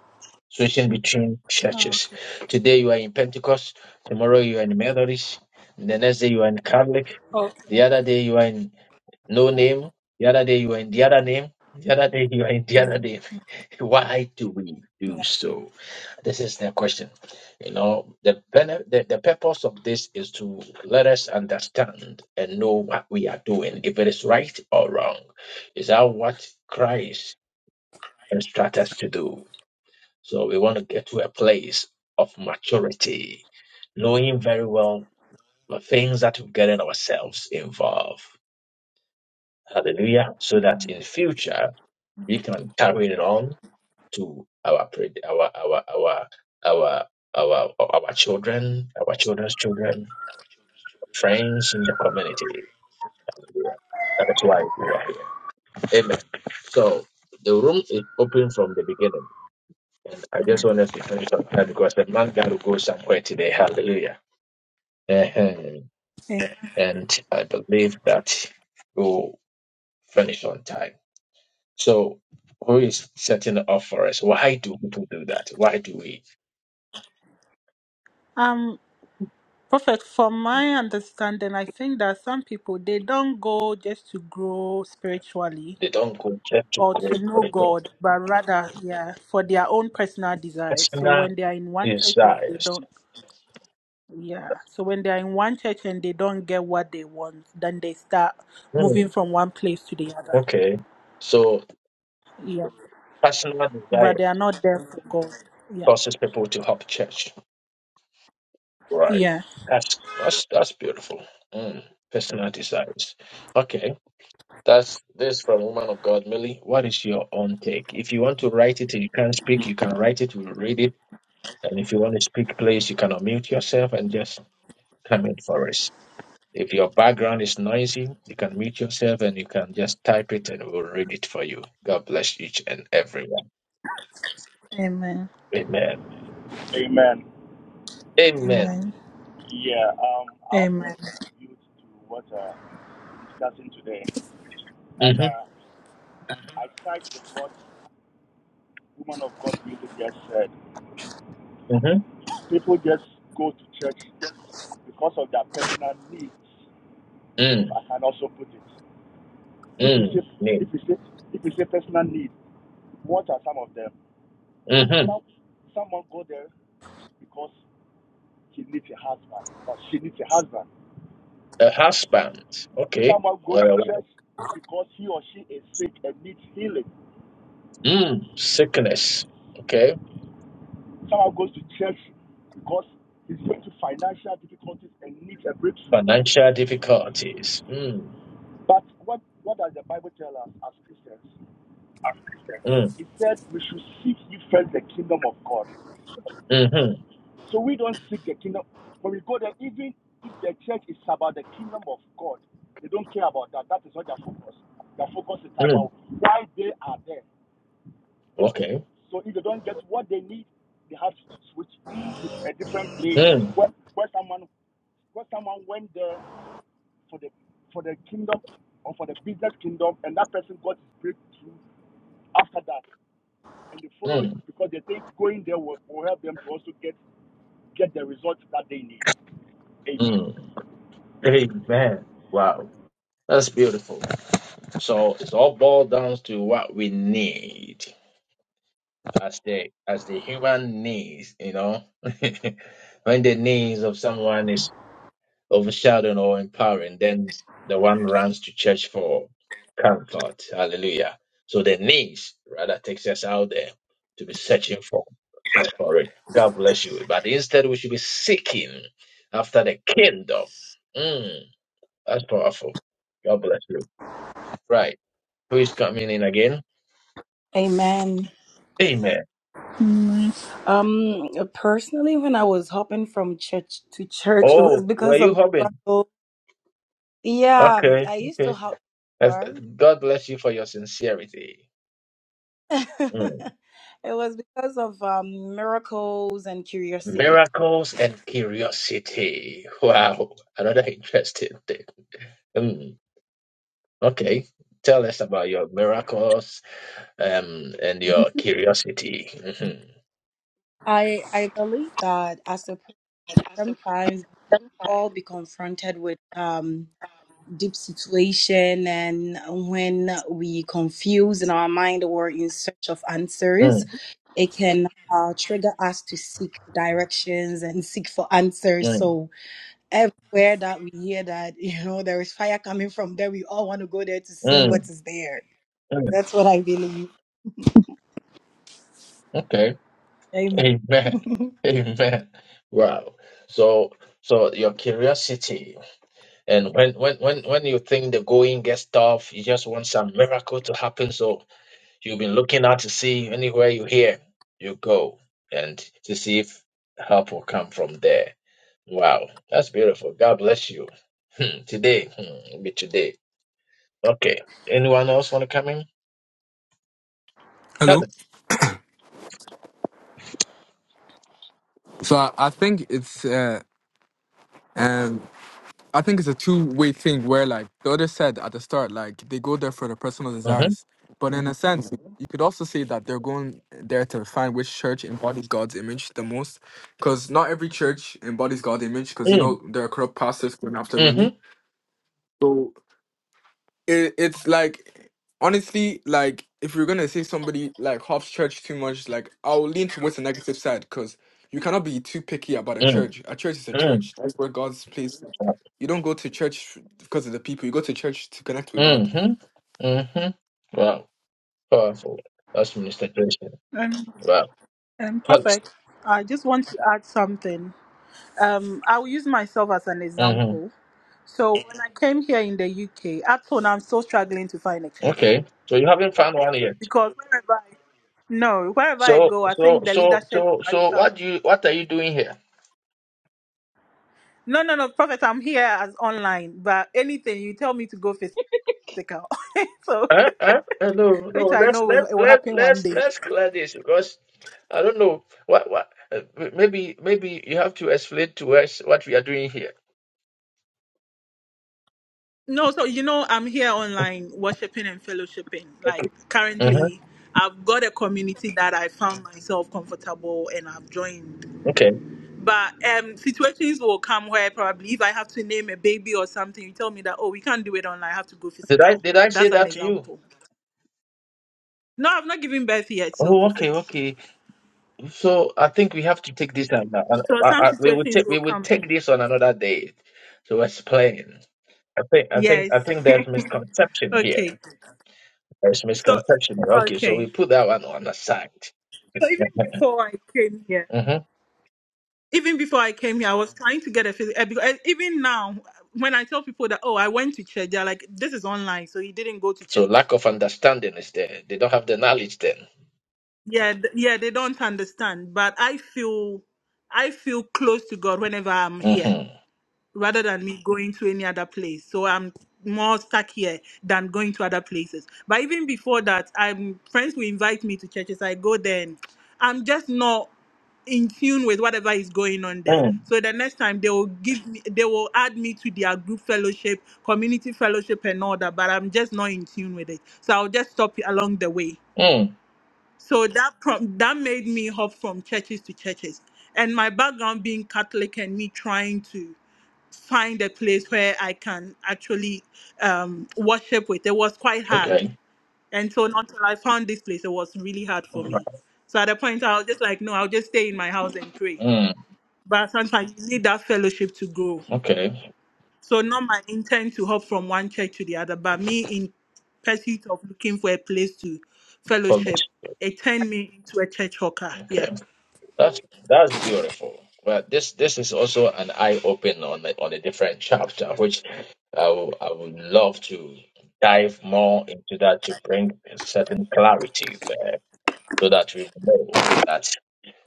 [SPEAKER 1] Switching between
[SPEAKER 4] Oh,
[SPEAKER 1] churches.
[SPEAKER 4] okay.
[SPEAKER 1] Today you are in Pentecost, tomorrow you are in Methodist, the next day you are in Catholic,
[SPEAKER 4] Okay.
[SPEAKER 1] the other day you are in No name. The other day you were in the other name. The other day you were in the other name. <laughs> Why do we do
[SPEAKER 4] Yeah.
[SPEAKER 1] so? This is the question. You know, the, bene- the the purpose of this is to let us understand and know what we are doing, if it is right or wrong. Is that what Christ instructs us to do? So we want to get to a place of maturity, knowing very well the things that we're getting ourselves involved. Hallelujah. So that in future we can carry it on to our pre- our our our our our our children, our children's children, friends in the community. Hallelujah. That is why we are here. Amen. So the room is open from the beginning, and I just wanted to finish on that because the man got to go somewhere today. Hallelujah. Ahem.
[SPEAKER 4] Amen.
[SPEAKER 1] And I believe that we'll finish on time. So who is setting up for us? Why do people do that? Why do we?
[SPEAKER 4] Um, Prophet, from my understanding, I think that some people they don't go just to grow spiritually
[SPEAKER 1] They don't go just to
[SPEAKER 4] or
[SPEAKER 1] go
[SPEAKER 4] to
[SPEAKER 1] for
[SPEAKER 4] know
[SPEAKER 1] their
[SPEAKER 4] God, but rather, yeah, for their own personal desire. So
[SPEAKER 1] personal
[SPEAKER 4] when they are in one church, and they
[SPEAKER 1] desires.
[SPEAKER 4] don't. Yeah. So when they're in one church and they don't get what they want, then they start
[SPEAKER 1] Hmm.
[SPEAKER 4] moving from one place to the other.
[SPEAKER 1] Okay. So
[SPEAKER 4] Yeah.
[SPEAKER 1] personal
[SPEAKER 4] But
[SPEAKER 1] desires
[SPEAKER 4] they are not there for God. Yeah.
[SPEAKER 1] causes people to hop church. Right.
[SPEAKER 4] Yeah.
[SPEAKER 1] That's that's that's beautiful. Hmm. Personal desires. Okay. That's this from woman of God, Millie. What is your own take? If you want to write it and you can't speak, you can write it, we'll read it. And if you want to speak, please you can unmute yourself and just comment for us. If your background is noisy, you can mute yourself and you can just type it and we'll read it for you. God bless each and everyone.
[SPEAKER 4] Amen.
[SPEAKER 1] Amen.
[SPEAKER 6] Amen.
[SPEAKER 1] Amen.
[SPEAKER 4] Amen.
[SPEAKER 6] Yeah, um, I also
[SPEAKER 4] Amen.
[SPEAKER 6] want to contribute to what uh, we're discussing today. And
[SPEAKER 1] Mm-hmm.
[SPEAKER 6] uh, I side with what woman of God really just said.
[SPEAKER 1] Mm-hmm.
[SPEAKER 6] People just go to church because of their personal needs, if
[SPEAKER 1] Mm.
[SPEAKER 6] I can also put it. If you
[SPEAKER 1] Mm.
[SPEAKER 6] say,
[SPEAKER 1] mm,
[SPEAKER 6] if you say, if you say personal needs, what are some of them?
[SPEAKER 1] Mm-hmm.
[SPEAKER 6] Some, someone go there because she needs a husband or she needs a husband.
[SPEAKER 1] A husband. Okay.
[SPEAKER 6] Someone go
[SPEAKER 1] Or
[SPEAKER 6] to
[SPEAKER 1] a wife.
[SPEAKER 6] church because he or she is sick and needs healing.
[SPEAKER 1] Mm. Sickness. Okay.
[SPEAKER 6] Someone goes to church because he's going through financial difficulties and needs a breakthrough.
[SPEAKER 1] Financial difficulties. Mm.
[SPEAKER 6] But what, what does the Bible tell us as Christians?
[SPEAKER 1] Mm.
[SPEAKER 6] It said we should seek ye first the kingdom of God.
[SPEAKER 1] Mm-hmm.
[SPEAKER 6] So we don't seek the kingdom. When we go there, even if the church is about the kingdom of God, they don't care about that. That is not their focus. Their focus is
[SPEAKER 1] Mm.
[SPEAKER 6] about why they are there.
[SPEAKER 1] Okay.
[SPEAKER 6] So if they don't get what they need, they have to switch to a different place
[SPEAKER 1] Mm.
[SPEAKER 6] where, where someone where someone went there for the for the kingdom or for the business kingdom, and that person got his breakthrough after that, and they follow it
[SPEAKER 1] Mm.
[SPEAKER 6] because they think going there will, will help them to also get get the results that they need.
[SPEAKER 1] Mm.
[SPEAKER 6] Amen.
[SPEAKER 1] Amen. Wow. That's beautiful. So it's all boiled down to what we need. as the as the human needs, you know, <laughs> when the needs of someone is overshadowing or empowering, then the one runs to church for comfort. Hallelujah. So the needs rather takes us out there to be searching for for it. God bless you. But instead, we should be seeking after the kingdom. Mm, that's powerful. God bless you. Right. Who is coming in again?
[SPEAKER 7] Amen.
[SPEAKER 1] Amen.
[SPEAKER 4] Amen.
[SPEAKER 7] Um, personally, when I was hopping from church to church, it
[SPEAKER 1] Oh,
[SPEAKER 7] was
[SPEAKER 1] were
[SPEAKER 7] because
[SPEAKER 1] you
[SPEAKER 7] of
[SPEAKER 1] hobbing?
[SPEAKER 7] struggle. Yeah,
[SPEAKER 1] Okay.
[SPEAKER 7] I used
[SPEAKER 1] Okay.
[SPEAKER 7] to hop.
[SPEAKER 1] That's-
[SPEAKER 7] Where?
[SPEAKER 1] God bless you for your sincerity.
[SPEAKER 7] <laughs>
[SPEAKER 1] Mm.
[SPEAKER 7] it was because of um, miracles and curiosity.
[SPEAKER 1] Miracles and curiosity. Wow, another interesting thing. Mm. Okay, tell us about your miracles um, and your curiosity. Mhm.
[SPEAKER 7] I I believe that as a person, sometimes all be confronted with um deep situation and when we confuse in our mind or in search of answers
[SPEAKER 1] Mm,
[SPEAKER 7] it can uh, trigger us to seek directions and seek for answers
[SPEAKER 1] mm,
[SPEAKER 7] so everywhere that we hear that <laughs> you know there is fire coming from there we all want to go there to see
[SPEAKER 1] mm,
[SPEAKER 7] what is there
[SPEAKER 1] mm.
[SPEAKER 7] that's what i believe <laughs>
[SPEAKER 1] Okay,
[SPEAKER 7] Amen.
[SPEAKER 1] amen,
[SPEAKER 7] <laughs>
[SPEAKER 1] <laughs> amen. Wow. So, so your curiosity, and when when when when you think the going gets tough, you just want some miracle to happen. So You've been looking out to see anywhere you hear, you go and to see if help will come from there. Wow, that's beautiful. God bless you. Hmm, today, hmm, it'll be today. Okay. Anyone else want to come in?
[SPEAKER 8] Hello.
[SPEAKER 1] Helen.
[SPEAKER 8] So I, I think it's uh, um I think it's a two way thing where like the other said at the start like they go there for their personal
[SPEAKER 1] Mm-hmm.
[SPEAKER 8] desires, but in a sense you could also say that they're going there to find which church embodies God's image the most, because not every church embodies God's image because you
[SPEAKER 1] Mm,
[SPEAKER 8] know there are corrupt pastors going after money,
[SPEAKER 1] mm-hmm.
[SPEAKER 8] it, it's like honestly like if you're gonna say somebody like hops church too much like i'll lean towards the negative side because you cannot be too picky about a
[SPEAKER 1] Mm,
[SPEAKER 8] church a church is a
[SPEAKER 1] mm,
[SPEAKER 8] church that's where god's place you don't go to church because of the people you go to church to connect with god
[SPEAKER 1] mm-hmm. Mm-hmm. Wow, powerful. That's Minister Jason.
[SPEAKER 4] And,
[SPEAKER 1] Wow.
[SPEAKER 4] and
[SPEAKER 1] Helen.
[SPEAKER 4] perfect. I just want to add something. Um, I will use myself as an
[SPEAKER 1] Mm-hmm.
[SPEAKER 4] example. So when I came here in the UK, at home I'm still struggling to find a church
[SPEAKER 1] Okay. So you haven't found one yet.
[SPEAKER 4] because wherever I, no, wherever I
[SPEAKER 1] So,
[SPEAKER 4] go, I
[SPEAKER 1] so,
[SPEAKER 4] think the
[SPEAKER 1] so,
[SPEAKER 4] leadership
[SPEAKER 1] so, so,
[SPEAKER 4] structure
[SPEAKER 1] what do you, what are you doing here?
[SPEAKER 4] No, no, no, Prophet, I'm here as online, but anything you tell me to go physical. <laughs> so,
[SPEAKER 1] Uh I, I no,
[SPEAKER 4] which
[SPEAKER 1] no.
[SPEAKER 4] I
[SPEAKER 1] Let's
[SPEAKER 4] know will,
[SPEAKER 1] let
[SPEAKER 4] it will
[SPEAKER 1] let
[SPEAKER 4] happen one
[SPEAKER 1] let's
[SPEAKER 4] day.
[SPEAKER 1] let's clear this because I don't know what what. Uh, maybe maybe you have to explain to us what we are doing here.
[SPEAKER 4] No, so you know, I'm here online worshiping and fellowshipping. Like,
[SPEAKER 1] Okay. Uh-huh.
[SPEAKER 4] currently, I've got a community that I found myself comfortable and I've joined.
[SPEAKER 1] Okay.
[SPEAKER 4] But um, situations will come where probably if I have to name a baby or something, you tell me that, oh, we can't do it online, I have to go
[SPEAKER 1] Did I
[SPEAKER 4] physical.
[SPEAKER 1] did I say
[SPEAKER 4] That's an
[SPEAKER 1] that to you?
[SPEAKER 4] example. No, I've not given birth yet, so
[SPEAKER 1] Oh,
[SPEAKER 4] Prophet.
[SPEAKER 1] okay, okay. So I think we have to take this on. on-
[SPEAKER 4] So,
[SPEAKER 1] I,
[SPEAKER 4] some
[SPEAKER 1] I, we will
[SPEAKER 4] situations
[SPEAKER 1] take
[SPEAKER 4] will
[SPEAKER 1] we will
[SPEAKER 4] come
[SPEAKER 1] take
[SPEAKER 4] in.
[SPEAKER 1] this on another day to explain. I think I think
[SPEAKER 4] Yes.
[SPEAKER 1] I think there's
[SPEAKER 4] <laughs>
[SPEAKER 1] misconception here.
[SPEAKER 4] okay.
[SPEAKER 1] There's
[SPEAKER 4] So
[SPEAKER 1] misconception. Okay, so
[SPEAKER 4] okay.
[SPEAKER 1] we put that one on the side.
[SPEAKER 4] So even
[SPEAKER 1] Yeah.
[SPEAKER 4] before I came here,
[SPEAKER 1] Mm-hmm.
[SPEAKER 4] even before I came here, I was trying to get a physical. Because eh, even now, when I tell people that oh I went to church, they're like this is online, so he didn't go to
[SPEAKER 1] So
[SPEAKER 4] church.
[SPEAKER 1] lack of understanding is there. They don't have the knowledge then.
[SPEAKER 4] Yeah, th- yeah, they don't understand. But I feel, I feel close to God whenever I'm here.
[SPEAKER 1] Mm-hmm.
[SPEAKER 4] rather than me going to any other place. So I'm more stuck here than going to other places. But even before that, I'm friends will invite me to churches. I go there and I'm just not in tune with whatever is going on there.
[SPEAKER 1] Mm.
[SPEAKER 4] So the next time they will give me they will add me to their group fellowship, community fellowship and all that, but I'm just not in tune with it. So I'll just stop along the way.
[SPEAKER 1] Mm.
[SPEAKER 4] So that prom- that made me hop from churches to churches. And my background being Catholic and me trying to find a place where I can actually um, worship with. It was quite hard.
[SPEAKER 1] Okay.
[SPEAKER 4] And so until I found this place, it was really hard for
[SPEAKER 1] Alright.
[SPEAKER 4] me. So at a point, I was just like, no, I'll just stay in my house and pray.
[SPEAKER 1] Mm.
[SPEAKER 4] But sometimes you need that fellowship to grow.
[SPEAKER 1] Okay.
[SPEAKER 4] So not my intent to hop from one church to the other, but me in pursuit of looking for a place to
[SPEAKER 1] Follow.
[SPEAKER 4] fellowship, it turned me into a church hawker.
[SPEAKER 1] Okay.
[SPEAKER 4] Yeah.
[SPEAKER 1] That's that's beautiful. Well, this this is also an eye open on a, on a different chapter, which I will- I would love to dive more into that to bring a certain clarity there, so that we know that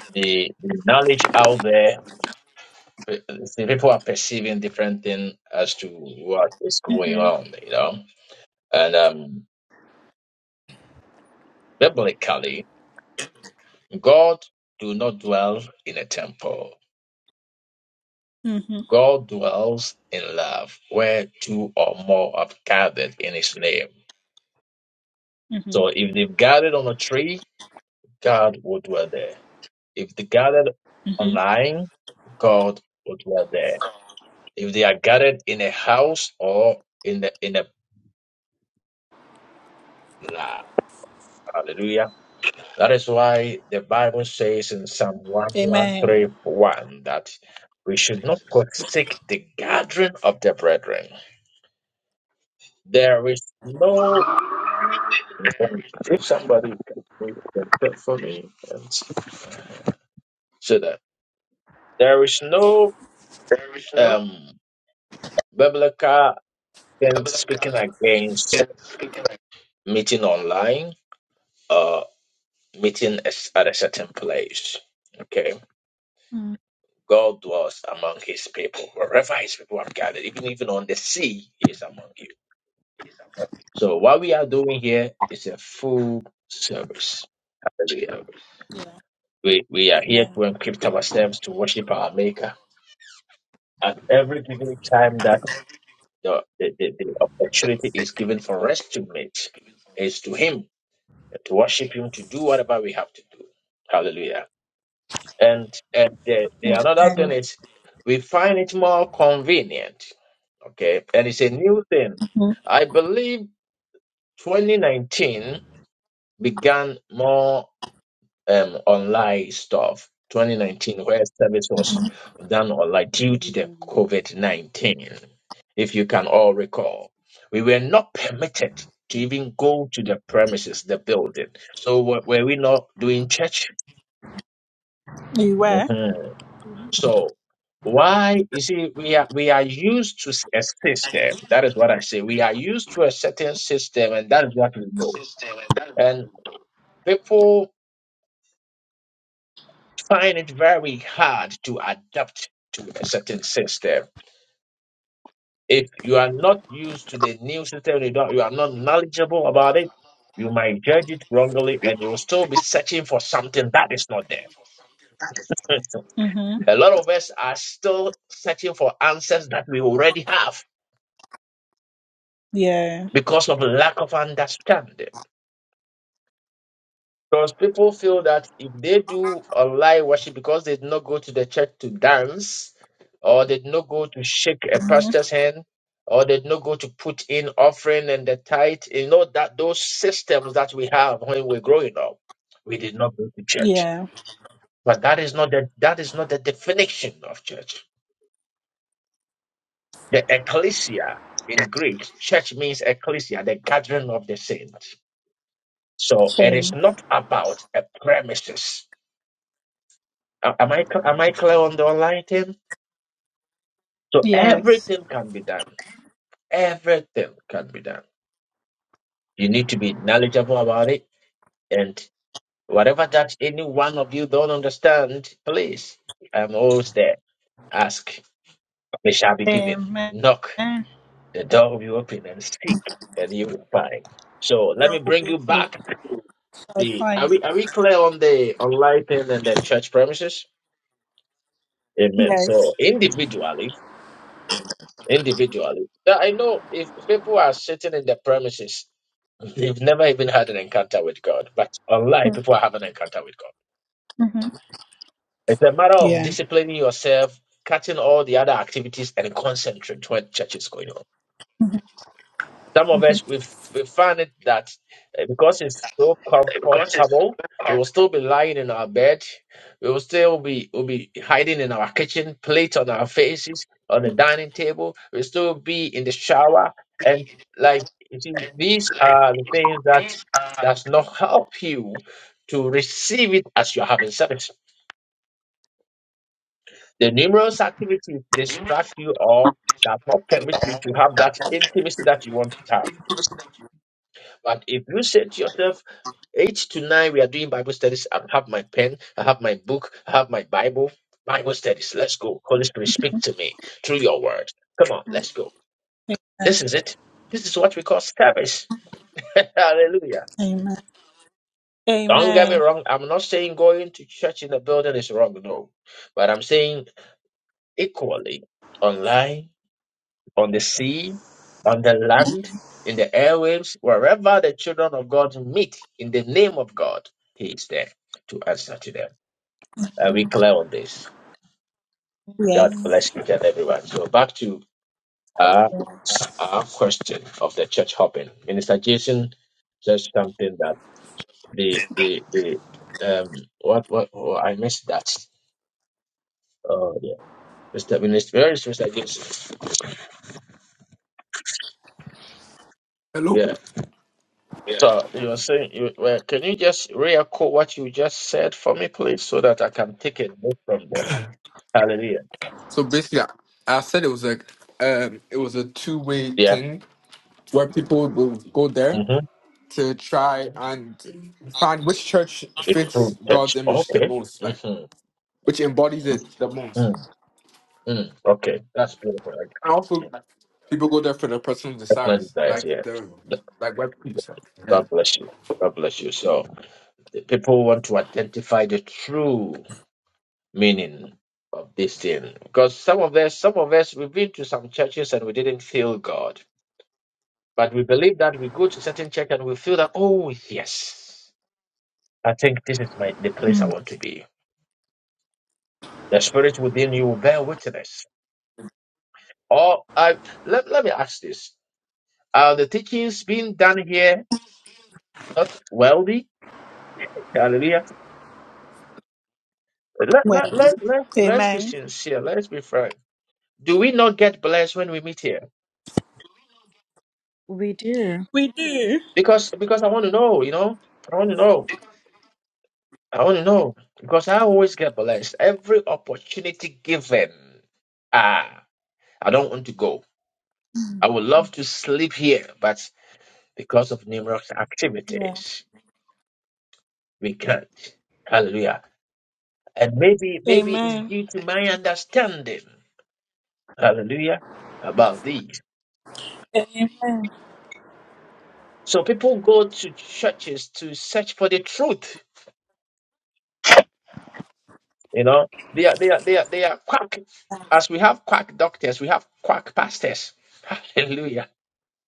[SPEAKER 1] the, the knowledge out there Pe- See, people are perceiving different things as to what is going on, you know. And um, biblically, God do not dwell in a temple.
[SPEAKER 4] Mhm.
[SPEAKER 1] God dwells in love, where two or more are gathered in His name.
[SPEAKER 4] Mhm.
[SPEAKER 1] So, if they've gathered on a tree, God would dwell there. If they gathered
[SPEAKER 4] Mhm.
[SPEAKER 1] online, God would dwell there. If they are gathered in a house or in the in a lab, Hallelujah That is why the Bible says in Psalm one one
[SPEAKER 4] Amen.
[SPEAKER 1] three one that we should not forsake the gathering of the brethren. There is no, if somebody can read that for me, and so that there is no um, biblical thing speaking against meeting online or meeting as- at a certain place. Okay God dwells among his people. Wherever his people are gathered, even even on the sea, he is among you. So what we are doing here is a full service. Hallelujah. We we are here to
[SPEAKER 4] Amen.
[SPEAKER 1] encrypt ourselves to worship our maker. At every given time that the, the, the, the opportunity is given for us to meet, is to him, to worship him, to do whatever we have to do. Hallelujah. And and the, the another thing is we find it more convenient. Okay, and it's a new thing. I believe 2019 began more um online stuff. 2019, where service was done online due to the
[SPEAKER 3] hello,
[SPEAKER 1] COVID-19. If you can all recall, we were not permitted to
[SPEAKER 3] Thank
[SPEAKER 1] even go to the premises, the building. So were, were we not doing church?
[SPEAKER 4] You were.
[SPEAKER 1] Mm-hmm. So why you see we are we are used to a system. That is what I say. We are used to a certain system, and that is what we know. And people find it very hard to adapt to a certain system. If you are not used to the new system, you don't you are not knowledgeable about it. You might judge it wrongly, and you will still be searching for something that is not there. <laughs>
[SPEAKER 4] Mhm.
[SPEAKER 1] a lot of us are still searching for answers that we already have
[SPEAKER 4] Yeah.
[SPEAKER 1] because of lack of understanding. Because people feel that if they do online worship because they did not go to the church to dance, or they did not go to shake a pastor's hand, or they did not go to put in offering and the tithe, you know that those systems that we have when we're growing up, we did not go to church.
[SPEAKER 4] Yeah.
[SPEAKER 1] But that is not the that is not the definition of church. The ecclesia in Greek, church means ecclesia, the gathering of the saints. So it is
[SPEAKER 4] Shame.
[SPEAKER 1] not about a premises. A- Am I am I clear on the online thing? So
[SPEAKER 4] Yes.
[SPEAKER 1] everything can be done. Everything can be done. You need to be knowledgeable about it, and whatever that any one of you don't understand, please, I'm always there. Ask, it shall be given.
[SPEAKER 4] Amen.
[SPEAKER 1] Knock,
[SPEAKER 4] There
[SPEAKER 1] the door will be open, and seek, and you will find. So let me
[SPEAKER 4] will
[SPEAKER 1] bring
[SPEAKER 4] be
[SPEAKER 1] you
[SPEAKER 4] hope.
[SPEAKER 1] back.
[SPEAKER 4] I
[SPEAKER 1] The- Are
[SPEAKER 4] find.
[SPEAKER 1] we are we clear on the online thing and the church premises? Amen.
[SPEAKER 4] Yes.
[SPEAKER 1] So individually individually. Now, I know if people are sitting in the premises, they've never even had an encounter with God. But online, people are having an encounter with God.
[SPEAKER 4] hmm
[SPEAKER 1] It's a matter of
[SPEAKER 4] Yeah.
[SPEAKER 1] disciplining yourself, cutting all the other activities, and concentrate when church is going on. Some of
[SPEAKER 4] hmm
[SPEAKER 1] us, we, f- we find it that uh, because it's so comfortable, we will still be lying in our bed. We will still be, will be hiding in our kitchen, plate on our faces, on the dining table. We'll still be in the shower. And like, you see, these are the things that does not help you to receive it as you're having sex. The numerous activities distract you or that not permit you to have that intimacy that you want to have. But if you say to yourself, Eight to nine, we are doing Bible studies. I have my pen, I have my book, I have my Bible. Bible studies. Let's go. Holy Spirit, speak to me through your word. Come on, let's go.
[SPEAKER 4] Amen.
[SPEAKER 1] This is it. This is what we call service. <laughs> Hallelujah.
[SPEAKER 4] Amen.
[SPEAKER 1] Don't get me
[SPEAKER 4] Amen.
[SPEAKER 1] wrong. I'm not saying going to church in the building is wrong, no. But I'm saying equally online, on the sea, on the land, in the airwaves, wherever the children of God meet in the name of God, He is there to answer to them. uh, we clear on this. God
[SPEAKER 7] Mm,
[SPEAKER 4] Yes.
[SPEAKER 1] bless you, and everyone. So back to uh, our question of the church hopping. Minister Jason says something that the the the um what what oh, I missed that. Oh yeah, Mr. Minister, where is Mr. Jason?
[SPEAKER 8] hello
[SPEAKER 1] Yeah. So you were saying, you, well, can you just re-echo what you just said for me, please, so that I can take it note from there? Hallelujah.
[SPEAKER 8] so basically i, I said it was like um it was a two-way
[SPEAKER 1] Yeah.
[SPEAKER 8] thing where people will go there
[SPEAKER 1] Mm-hmm.
[SPEAKER 8] to try and find which church
[SPEAKER 1] The
[SPEAKER 8] fits
[SPEAKER 1] true church.
[SPEAKER 8] god's image the
[SPEAKER 1] Okay.
[SPEAKER 8] most like
[SPEAKER 1] Mm-hmm.
[SPEAKER 8] which embodies it the most
[SPEAKER 1] Mm, mm. Okay. That's
[SPEAKER 8] I
[SPEAKER 1] beautiful.
[SPEAKER 8] also people go there for their personal
[SPEAKER 1] Personal
[SPEAKER 8] desires,
[SPEAKER 1] desires,
[SPEAKER 8] like the
[SPEAKER 1] yeah.
[SPEAKER 8] like white people say.
[SPEAKER 1] God bless you. God bless you. So the people want to identify the true meaning of this thing. Because some of us, some of us, we've been to some churches and we didn't feel God. But we believe that we go to certain church and we feel that, oh yes, I think this is my the place I want to be. The spirit within you will bear witness. Or I let, let me ask this. Are the teachings being done here not wealthy? Hallelujah. Let, let,
[SPEAKER 4] Well.
[SPEAKER 1] let, let, let's be
[SPEAKER 4] Amen.
[SPEAKER 1] sincere. Let's be frank. Do we not get blessed when we meet here?
[SPEAKER 7] We do.
[SPEAKER 4] We do.
[SPEAKER 1] Because because I want to know, you know? I want to know. I want to know. Because I always get blessed. Every opportunity given, ah, I don't want to go. I would love to sleep here, but because of numerous
[SPEAKER 4] Yeah.
[SPEAKER 1] activities, we can't. Hallelujah. And maybe maybe it's
[SPEAKER 4] Amen.
[SPEAKER 1] due to my understanding. Hallelujah. About these.
[SPEAKER 4] Amen.
[SPEAKER 1] So people go to churches to search for the truth. You know, they are they are they are they are quack. As we have quack doctors, we have quack pastors. <laughs> Hallelujah.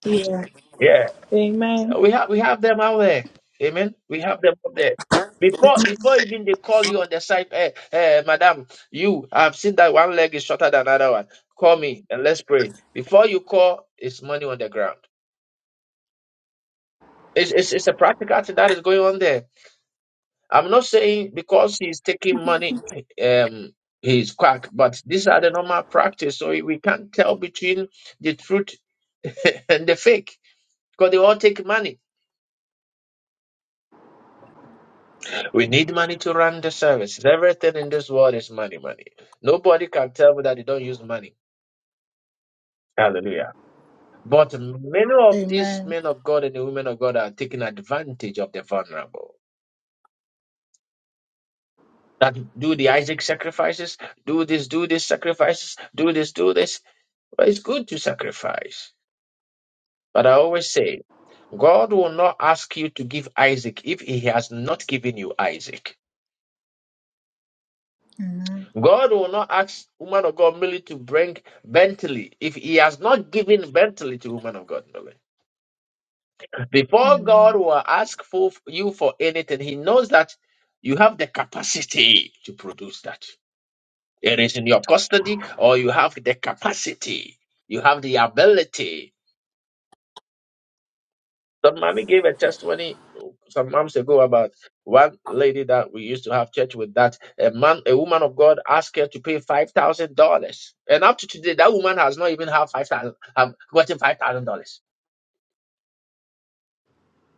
[SPEAKER 4] Yeah.
[SPEAKER 1] Yeah.
[SPEAKER 4] Amen.
[SPEAKER 1] We have we have them out there. Amen. We have them out there. Before before even they call you on the side, hey, hey, madam, you I've seen that one leg is shorter than another one. Call me and let's pray. Before you call, it's money on the ground. It's it's, it's a practical thing that is going on there. I'm not saying because he's taking money, um, he's quack, but these are the normal practice. So we can't tell between the truth <laughs> and the fake because they all take money. We need money to run the services. Everything in this world is money, money. Nobody can tell me that they don't use money. Hallelujah. But many of these
[SPEAKER 4] Amen.
[SPEAKER 1] men of God and the women of God are taking advantage of the vulnerable. That do the Isaac sacrifices, do this, do this sacrifices, do this, do this. But it's good to sacrifice. But I always say, God will not ask you to give Isaac if he has not given you Isaac.
[SPEAKER 4] Amen.
[SPEAKER 1] God will not ask woman of God Millie to bring Bentley if he has not given Bentley to woman of God Millie. Before God
[SPEAKER 4] Amen.
[SPEAKER 1] will ask for you for anything, he knows that you have the capacity to produce that. It is in your custody or you have the capacity. You have the ability Some mommy gave a testimony some months ago about one lady that we used to have church with that a man, a woman of God asked her to pay five thousand dollars. And up to today, that woman has not even have five thousand um gotten five thousand dollars.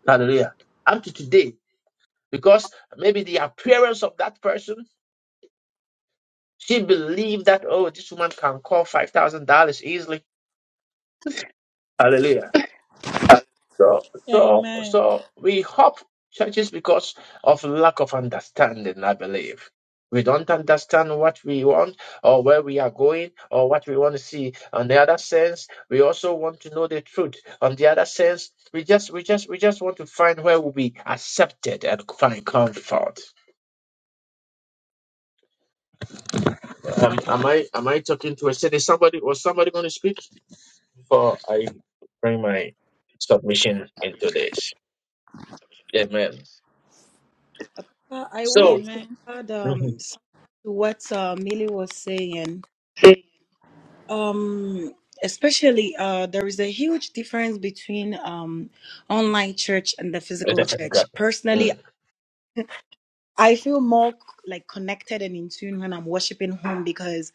[SPEAKER 1] Hallelujah. Up to today, because maybe the appearance of that person, she believed that oh, this woman can call five thousand dollars easily. Hallelujah. So, so,
[SPEAKER 4] Amen.
[SPEAKER 1] so we hop churches because of lack of understanding, I believe. We don't understand what we want or where we are going or what we want to see. On the other sense, we also want to know the truth. On the other sense, we just, we just, we just want to find where we'll be accepted and find comfort. Am, am I, am I talking to a city? Somebody, was somebody going to speak before I bring my submission into this? Amen.
[SPEAKER 7] Uh, Papa, I wanted
[SPEAKER 1] So.
[SPEAKER 7] to
[SPEAKER 4] Amen.
[SPEAKER 7] add um something to what uh, Millie was saying. Um, especially uh, there is a huge difference between um online church and the
[SPEAKER 1] I
[SPEAKER 7] physical
[SPEAKER 1] definitely
[SPEAKER 7] church.
[SPEAKER 1] got
[SPEAKER 7] Personally,
[SPEAKER 1] that.
[SPEAKER 7] I feel more like connected and in tune when I'm worshiping home because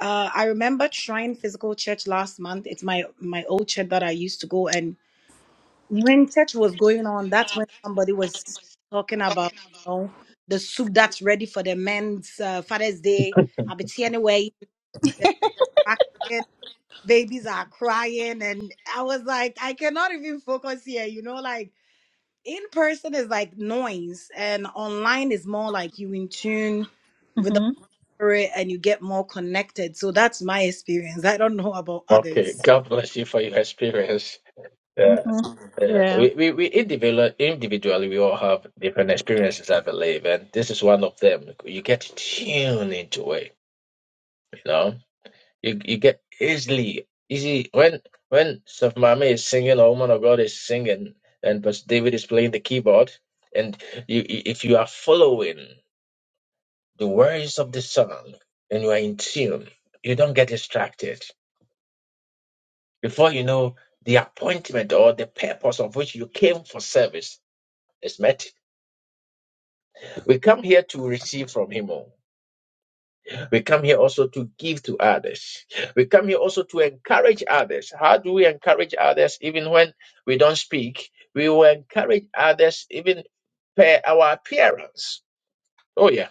[SPEAKER 7] uh, I remember trying physical church last month. It's my my old church that I used to go, and when church was going on, that's when somebody was talking about you know the soup that's ready for the men's uh, Father's Day.
[SPEAKER 1] Mm. <laughs>
[SPEAKER 7] I'll be tea anyway. The distraction, babies are crying, and I was like, I cannot even focus here. You know, like in person is like noise and online is more like you in tune with the
[SPEAKER 4] Mhm.
[SPEAKER 7] spirit and you get more connected so that's my experience i don't know about
[SPEAKER 1] Okay,
[SPEAKER 7] others
[SPEAKER 1] God bless you for your experience. Uh,
[SPEAKER 4] Mhm.
[SPEAKER 1] uh,
[SPEAKER 4] Yeah.
[SPEAKER 1] we we, we individual, individually, we all have different experiences, I believe, and this is one of them. You get tuned into it, you know. You you get easily easy when when Saf is singing or Woman of God is singing, and Pastor David is playing the keyboard, and you i- if you are following the words of the song and you are in tune, you don't get distracted. Before you know, the appointment or the purpose of which you came for service is met. We come here to receive from Him. oh. We come here also to give to others. We come here also to encourage others. How do we encourage others even when we don't speak? We will encourage others even per our appearance. Oh, yeah.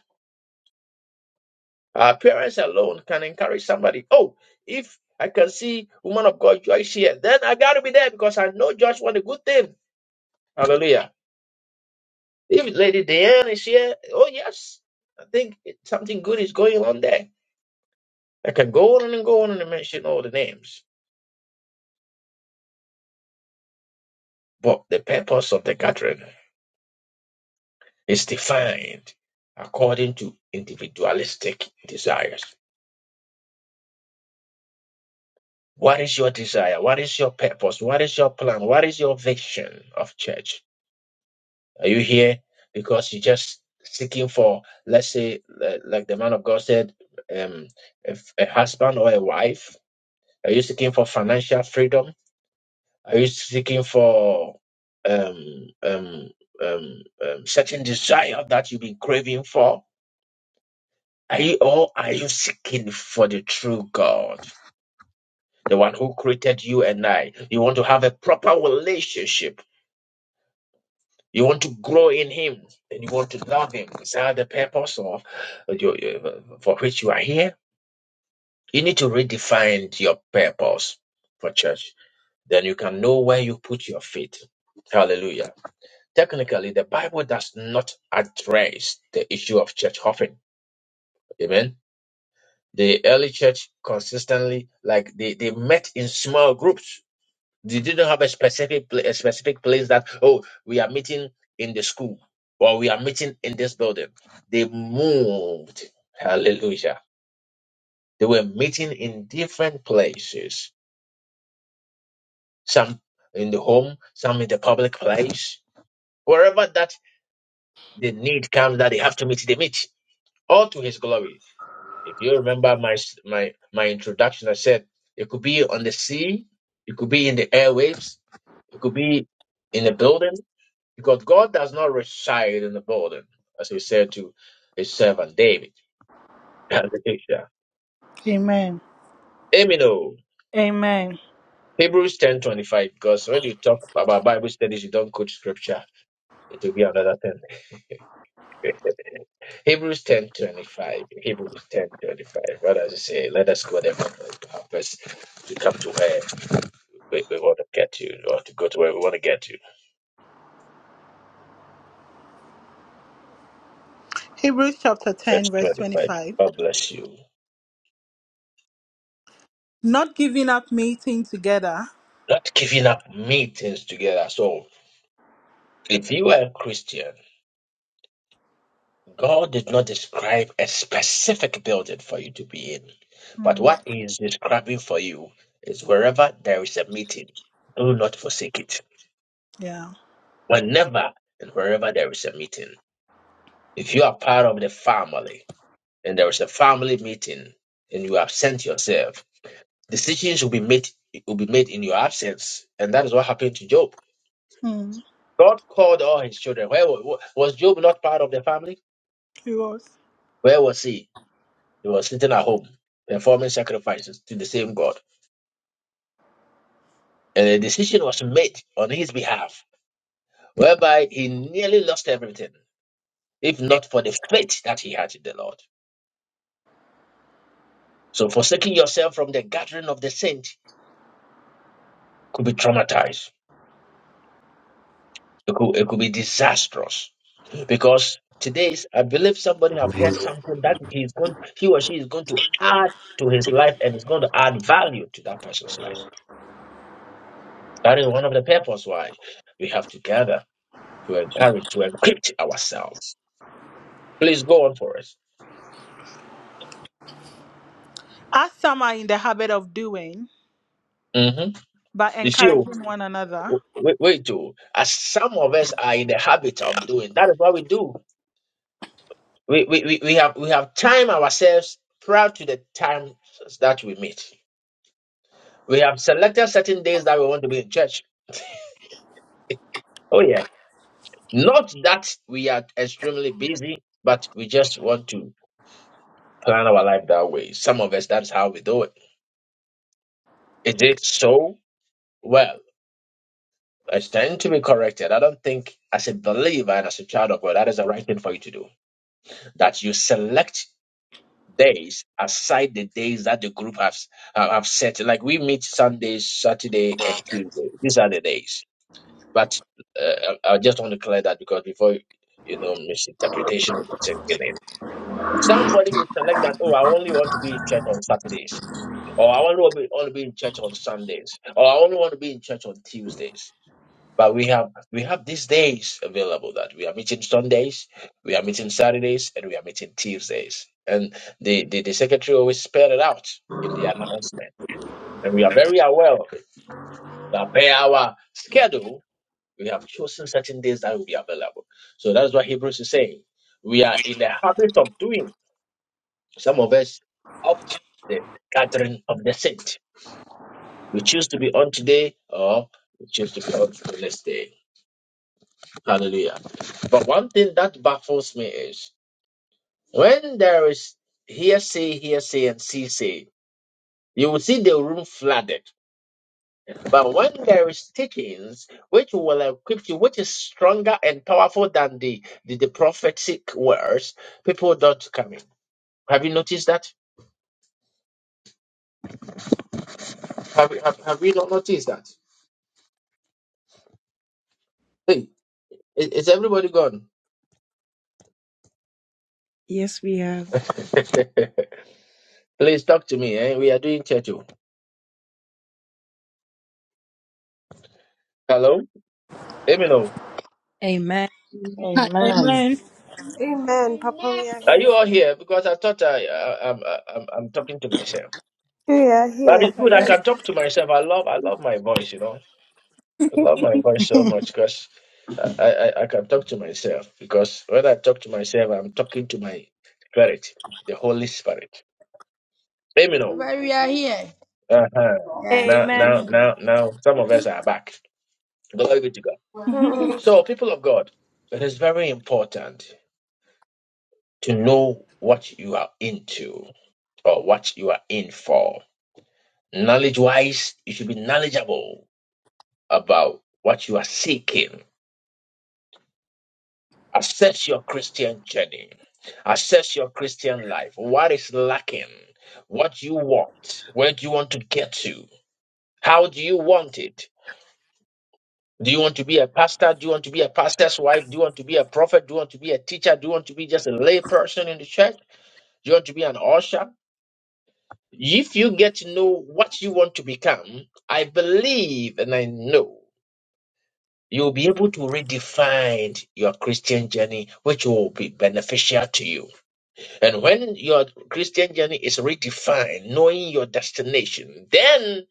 [SPEAKER 1] Our appearance alone can encourage somebody. Oh, if I can see woman of God Joyce here, then I got to be there because I know Joyce want a good thing. Hallelujah. If Lady Diane is here, oh yes, I think it- something good is going on there. I can go on and go on and mention all the names, but the purpose of the gathering is defined according to individualistic desires. What is your desire? What is your purpose? What is your plan? What is your vision of church? Are you here because you're just seeking for, let's say, li- like the man of God said, um, a f- a husband or a wife? Are you seeking for financial freedom? Are you seeking for um, um, um, um, certain desire that you've been craving for? Are you, or are you seeking for the true God, the one who created you and I? You want to have a proper relationship. You want to grow in Him and you want to love Him. Is that the purpose of your, uh, for which you are here? You need to redefine your purpose for church. Then you can know where you put your faith. Hallelujah. Technically, the Bible does not address the issue of church hopping. Amen. The early church consistently, like they, they met in small groups. They didn't have a specific pla- a specific place that oh we are meeting in the school or we are meeting in this building. They moved. Hallelujah. They were meeting in different places. Some in the home, some in the public place. Wherever that the need comes that they have to meet, they meet. All to his glory. If you remember my s- my my introduction, I said it could be on the sea, it could be in the airwaves, it could be in the building, because God does not reside in the building, as he said to his servant David. <laughs> Hallelujah.
[SPEAKER 4] Amen.
[SPEAKER 1] Amen. oh.
[SPEAKER 4] Amen.
[SPEAKER 1] Hebrews ten twenty five. Because when you talk about Bible studies, you don't quote scripture. It will be another thing. Hebrews ten twenty five. Hebrews ten twenty five. What does it say? Let us go there. Help us to come to her. We, we want to get you. We want to go to where we want to get you.
[SPEAKER 4] Hebrews chapter
[SPEAKER 1] Verse
[SPEAKER 4] 10, verse
[SPEAKER 1] 25.
[SPEAKER 4] 25.
[SPEAKER 1] God bless you.
[SPEAKER 4] Not giving up mating together.
[SPEAKER 1] Not giving up meetings together. So, if you are a Christian, God did not describe a specific building for you to be in. But
[SPEAKER 4] Mm.
[SPEAKER 1] what He is describing for you is wherever there is a meeting, do not forsake it.
[SPEAKER 4] Yeah.
[SPEAKER 1] Whenever and wherever there is a meeting, if you are part of the family and there is a family meeting and you absent yourself, Decisions will be made will be made in your absence, and that is what happened to Job.
[SPEAKER 4] Mm,
[SPEAKER 1] God called all his children. Where wa- was Job not part of the family?
[SPEAKER 4] it was.
[SPEAKER 1] Where was he? He was sitting at home performing sacrifices to the same God, and a decision was made on his behalf, whereby he nearly lost everything, if not for the faith that he had in the Lord. So, forsaking yourself from the gathering of the saint could be traumatized. It could, it could be disastrous Because today, I believe somebody have heard something that he is going, he or she is going to add to his life and is going to add value to that person's life. That is one of the purpose why we have to gather to encourage, to encrypt ourselves. Please go on for us.
[SPEAKER 4] As some are in the habit of doing,
[SPEAKER 1] hmm
[SPEAKER 4] but
[SPEAKER 1] You see,
[SPEAKER 4] encouraging one another.
[SPEAKER 1] we, we do. As some of us are in the habit of doing, that is what we do. We, we, we, we have we have timed ourselves prior to the times that we meet. We have selected certain days that we want to be in church. <laughs> Oh yeah Not that we are extremely busy, but we just want to plan our life that way. Some of us, that's how we do it. Is it so? Well, I stand to be corrected. I don't think, as a believer and as a child of God, that is the right thing for you to do. That you select days aside the days that the group has uh, have set. Like we meet Sunday, Saturday, and Tuesday. These are the days. But uh, I I just want to clear that because before you know misinterpretation, it's Somebody will select that, oh, I only want to be in church on Saturdays, or I only want to be, only be in church on Sundays, or I only want to be in church on Tuesdays. But we have we have these days available that we are meeting Sundays, we are meeting Saturdays, and we are meeting Tuesdays. And the, the, the secretary always spelled it out in the announcement. And we are very aware of it that by our schedule, we have chosen certain days that will be available. So that's what Hebrews is saying. We are in the habit of doing Some of us opt the gathering of the saint. We choose to be on today or we choose to be on the next day. Hallelujah. But one thing that baffles me is when there is hearsay, hearsay, and say, you will see the room flooded. But when there is teachings which will equip you, which is stronger and powerful than the, the, the prophetic words, people don't come in. Have you noticed that? Have, have, have we not noticed that? Hey, is, is everybody gone?
[SPEAKER 7] Yes, we have.
[SPEAKER 1] <laughs> Please talk to me. Eh? We are doing church. oh. Hello, Emino.
[SPEAKER 7] Amen.
[SPEAKER 4] Ah,
[SPEAKER 9] Amen.
[SPEAKER 4] Amen.
[SPEAKER 2] Amen. Papa,
[SPEAKER 9] Amen.
[SPEAKER 2] we are
[SPEAKER 1] Are
[SPEAKER 2] here.
[SPEAKER 1] you all here? Because I thought I, I I'm, I'm I'm talking to myself.
[SPEAKER 2] We are
[SPEAKER 1] But
[SPEAKER 2] here.
[SPEAKER 1] it's
[SPEAKER 4] Papa,
[SPEAKER 1] good.
[SPEAKER 4] you
[SPEAKER 7] <laughs>
[SPEAKER 2] We,
[SPEAKER 1] I
[SPEAKER 4] are here.
[SPEAKER 1] can talk to myself. I love I love my voice. You know, I love my voice so
[SPEAKER 7] Amen.
[SPEAKER 1] much because I, I I can talk to myself. Because when I talk to myself, I'm talking to my spirit, the Holy Spirit. Emino.
[SPEAKER 10] But we are here.
[SPEAKER 1] Uh huh.
[SPEAKER 10] Yeah.
[SPEAKER 1] Now now
[SPEAKER 4] Amen.
[SPEAKER 1] now now some of us are back. Glory be to God.
[SPEAKER 4] <laughs>
[SPEAKER 2] hmm.
[SPEAKER 1] So people of God, it is very important. to know what you are into or what you are in for. Knowledge wise, you should be knowledgeable about what you are seeking. Assess your Christian journey, assess your Christian life. What is lacking? What do you want? Where do you want to get to? How do you want it? Do you want to be a pastor? Do you want to be a pastor's wife? Do you want to be a prophet? Do you want to be a teacher? Do you want to be just a lay person in the church? Do you want to be an usher? If you get to know what you want to become, I believe and I know you'll be able to redefine your Christian journey, which will be beneficial to you. And when your Christian journey is redefined, knowing your destination, then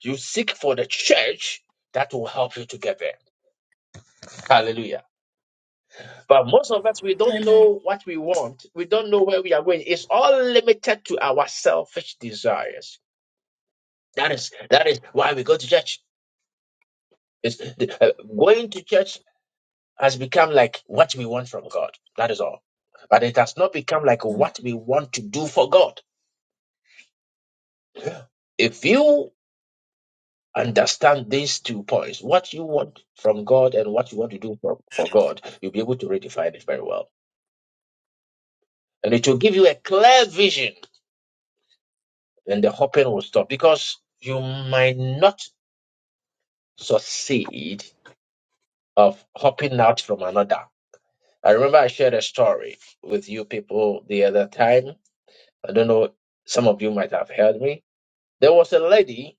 [SPEAKER 1] you seek for the church that will help you to get there. Hallelujah. But most of us, we don't
[SPEAKER 4] Amen.
[SPEAKER 1] know what we want. We don't know where we are going. It's all limited to our selfish desires. That is that is why we go to church. It's, the, uh, going to church has become like what we want from God. That is all. But it has not become like
[SPEAKER 4] Mm.
[SPEAKER 1] what we want to do for God. If you understand these two points, what you want from God and what you want to do for, for God, you'll be able to redefine it very well. And it will give you a clear vision, and the hopping will stop because you might not succeed of hopping out from another. I remember I shared a story with you people the other time I don't know, some of you might have heard me. There was a lady,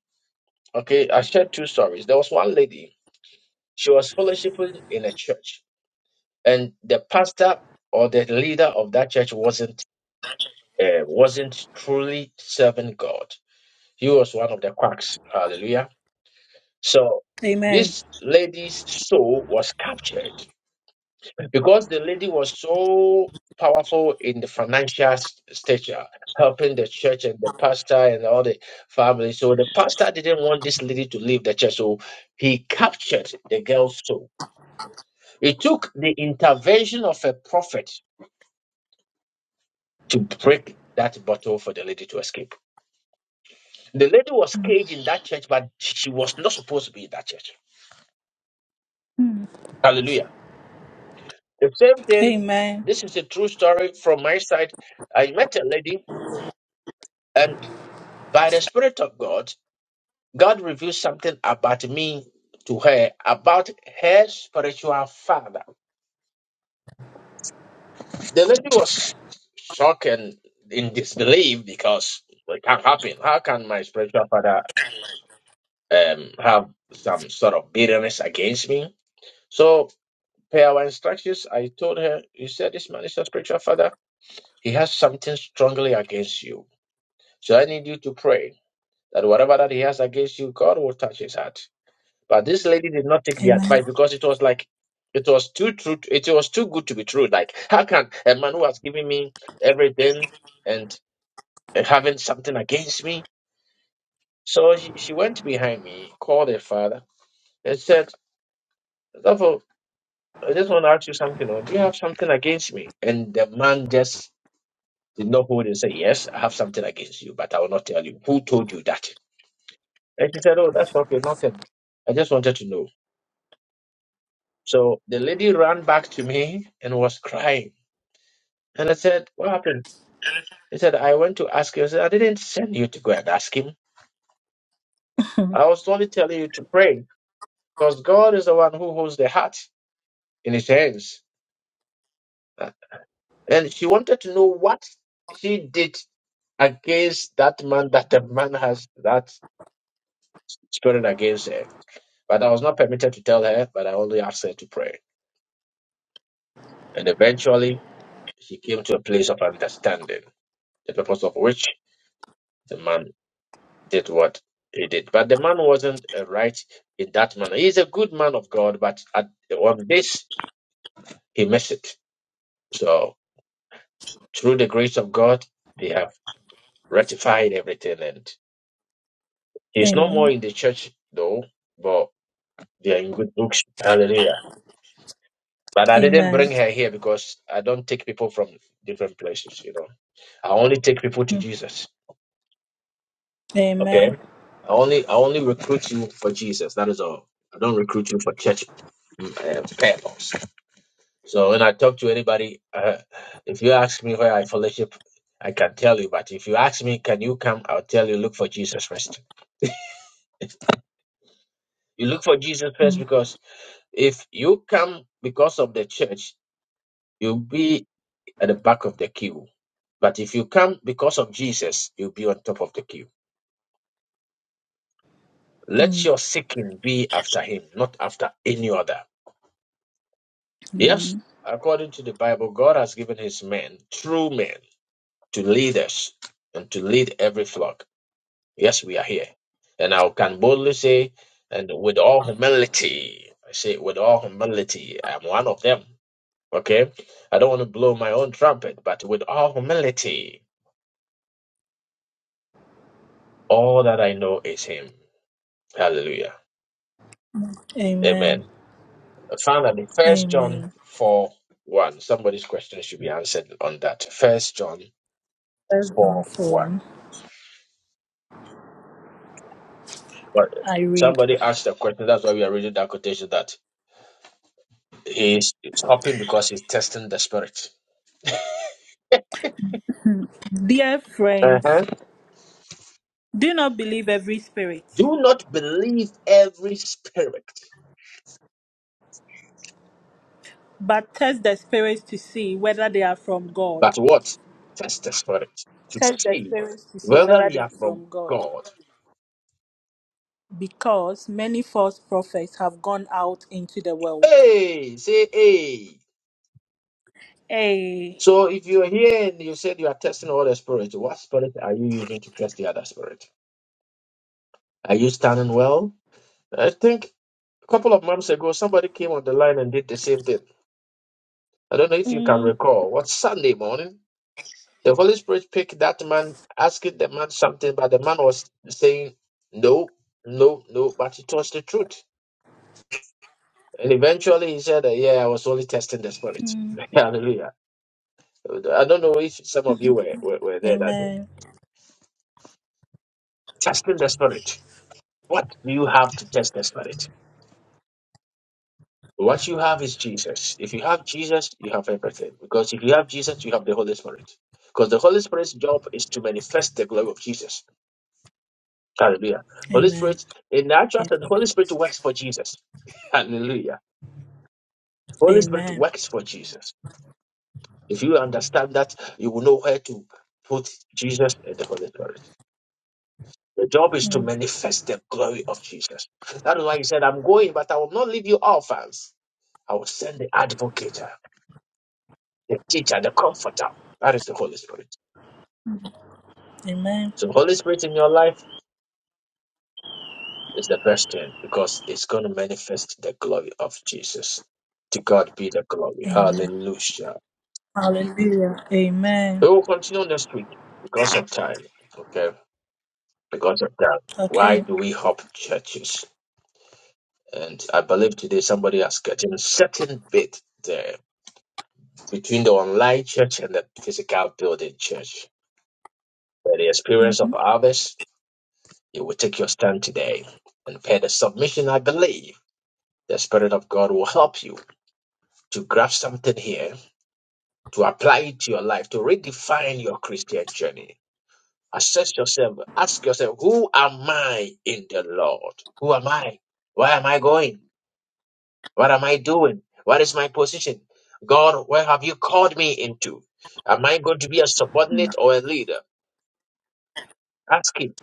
[SPEAKER 1] okay, I shared two stories. There was one lady, she was fellowshipping in a church, and the pastor or the leader of that church wasn't uh, wasn't truly serving God. He was one of the quacks. Hallelujah. So
[SPEAKER 4] Amen.
[SPEAKER 1] this lady's soul was captured. because the lady was so powerful in the financial s- stature, helping the church and the pastor and all the family. So the pastor didn't want this lady to leave the church, so he captured the girl's soul. It took the intervention of a prophet to break that bottle for the lady to escape. The lady was
[SPEAKER 4] Mm.
[SPEAKER 1] caged in that church, but she was not supposed to be in that church.
[SPEAKER 4] Mm.
[SPEAKER 1] Hallelujah. The same thing,
[SPEAKER 4] Amen.
[SPEAKER 1] this is a true story from my side. I met a lady, and by the Spirit of God, God revealed something about me to her, about her spiritual father. The lady was shocked and in disbelief because "Well, it can't happen. How can my spiritual father um, have some sort of bitterness against me? So, per our instructions, I told her, You said this man is your spiritual father. He has something strongly against you. So, I need you to pray that whatever that he has against you, God will touch his heart. But this lady did not take the
[SPEAKER 4] Amen.
[SPEAKER 1] advice because it was like it was too true. It was too good to be true. Like how can a man who has given me everything and having something against me? So she, she went behind me, called her father, and said, "Therefore, I just want to ask you something. Or do you have something against me?" And the man just did not hold and say, "Yes, I have something against you, but I will not tell you who told you that." And she said, "Oh, that's okay, nothing. I just wanted to know." So the lady ran back to me and was crying. And I said, What happened? He said, I went to ask you. I said, I didn't send you to go and ask him.
[SPEAKER 4] Mm.
[SPEAKER 1] I was only telling you to pray because God is the one who holds the heart in his hands. Uh, And she wanted to know what he did against that man that the man has that spirit against her. But I was not permitted to tell her, but I only asked her to pray. And eventually, she came to a place of understanding, the purpose of which the man. did what he did. But the man wasn't uh, right in that manner. He's a good man of God, but at, on this, he missed it. So, through the grace of God, they have rectified everything. And he's no more
[SPEAKER 4] Amen.
[SPEAKER 1] in the church, though, but they are in good books. Hallelujah. But I didn't
[SPEAKER 4] Amen.
[SPEAKER 1] bring her here because I don't take people from different places, you know. I only take people to
[SPEAKER 4] Mm.
[SPEAKER 1] Jesus.
[SPEAKER 4] Amen.
[SPEAKER 1] Okay? I only I only recruit you for Jesus. That is all. I don't recruit you for church mm, uh, purpose. So when I talk to anybody, uh, if you ask me where I fellowship, I can tell you. But if you ask me, can you come? I'll tell you, look for Jesus first. You look for Jesus first
[SPEAKER 4] Mm.
[SPEAKER 1] because if you come because of the church, you'll be at the back of the queue. But if you come because of Jesus, you'll be on top of the queue. Let
[SPEAKER 4] Mm.
[SPEAKER 1] your seeking be after him, not after any other. Yes, according to the Bible, God has given his men, true men, to lead us and to lead every flock. Yes, we are here. And I can boldly say, and with all humility, I say with all humility, I'm one of them. Okay? I don't want to blow my own trumpet, but with all humility, all that I know is Him. Hallelujah.
[SPEAKER 4] Amen. Amen.
[SPEAKER 1] Amen. Finally, First John
[SPEAKER 4] Amen.
[SPEAKER 1] 4 1. Somebody's question should be answered on that. First John
[SPEAKER 4] First John
[SPEAKER 1] 4 1.
[SPEAKER 4] 4.
[SPEAKER 1] But
[SPEAKER 4] I read.
[SPEAKER 1] somebody asked a question. That's why we are reading that quotation that he's stopping because he's testing the spirit.
[SPEAKER 4] Dear friends,
[SPEAKER 1] Uh-huh.
[SPEAKER 4] Do not believe every spirit,
[SPEAKER 1] Do not believe every spirit,
[SPEAKER 4] but test the spirits to see whether they are from God.
[SPEAKER 1] but what? Test the spirit to
[SPEAKER 4] Test the
[SPEAKER 1] see
[SPEAKER 4] spirits to see
[SPEAKER 1] whether
[SPEAKER 4] whether
[SPEAKER 1] they
[SPEAKER 4] they
[SPEAKER 1] are
[SPEAKER 4] are
[SPEAKER 1] from
[SPEAKER 4] from God,
[SPEAKER 1] God.
[SPEAKER 4] because many false prophets have gone out into the world.
[SPEAKER 1] Hey, say hey.
[SPEAKER 4] Hey.
[SPEAKER 1] So if you're here and you said you are testing all the spirits, what spirit are you using to test the other spirit? Are you standing well? I think a couple of months ago somebody came on the line and did the same thing. I don't know if you can
[SPEAKER 4] Mm,
[SPEAKER 1] recall. What Sunday morning? The Holy Spirit picked that man, asking the man something, but the man was saying no, no, no, but it was the truth. And eventually he said, that, Yeah, I was only testing the spirit.
[SPEAKER 4] mm.
[SPEAKER 1] <laughs> Hallelujah. I don't know if some of you were, were, were there that day.
[SPEAKER 4] Amen.
[SPEAKER 1] Testing the spirit. What do you have to test the spirit? What you have is Jesus. If you have Jesus, you have everything. Because if you have Jesus, you have the Holy Spirit. Because the Holy Spirit's job is to manifest the glory of Jesus. Hallelujah. Holy
[SPEAKER 4] Amen.
[SPEAKER 1] Spirit, in the actual
[SPEAKER 4] A-
[SPEAKER 1] sense, the Holy Spirit works for Jesus. <laughs> Hallelujah. Holy Spirit
[SPEAKER 4] Amen.
[SPEAKER 1] works for Jesus. If you understand that, you will know where to put Jesus and the Holy Spirit. The job is to
[SPEAKER 4] Mm.
[SPEAKER 1] manifest the glory of Jesus. That is why he said, I'm going, but I will not leave you orphans. I will send the advocate, the teacher, the comforter. That is the Holy Spirit.
[SPEAKER 4] Amen.
[SPEAKER 1] So, Holy Spirit in your life It's the best thing because it's going to manifest the glory of Jesus. To God be the glory.
[SPEAKER 4] Amen.
[SPEAKER 1] Hallelujah.
[SPEAKER 4] Hallelujah. Amen.
[SPEAKER 1] We will continue next week because of time. Okay. Because of that. Why
[SPEAKER 4] Okay.
[SPEAKER 1] do we hop churches? And I believe today somebody has gotten a certain bit there between the online church and the physical building church. By the
[SPEAKER 4] hmm
[SPEAKER 1] experience of others, you will take your stand today. And by the submission, I believe the Spirit of God will help you to grab something here to apply it to your life, to redefine your Christian journey. Assess yourself, ask yourself, who am I in the Lord? Who am I? Where am I going? What am I doing? What is my position? God, where have you called me into? Am I going to be a subordinate or a leader? Ask him.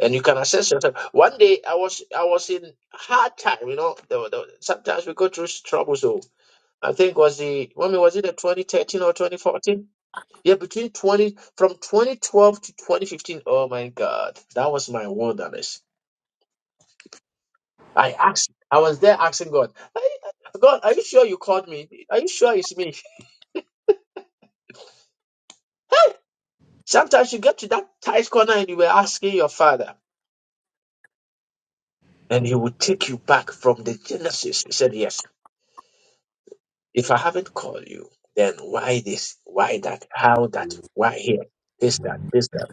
[SPEAKER 1] And you can assess yourself. One day I was I was in hard time, you know. There were, there were- sometimes we go through trouble. So I think was the when was it the 2013 or 2014? Yeah, between 20, from 2012 to 2015. Oh my God. That was my wilderness. I asked, I was there asking God, "Hey, God, are you sure you called me? Are you sure it's me? <laughs> Hey, Sometimes you get to that tight corner and you were asking your father, and he would take you back from the Genesis. He said, Yes, if I haven't called you, then why this? Why that? How that? Why here? This, that, this, that.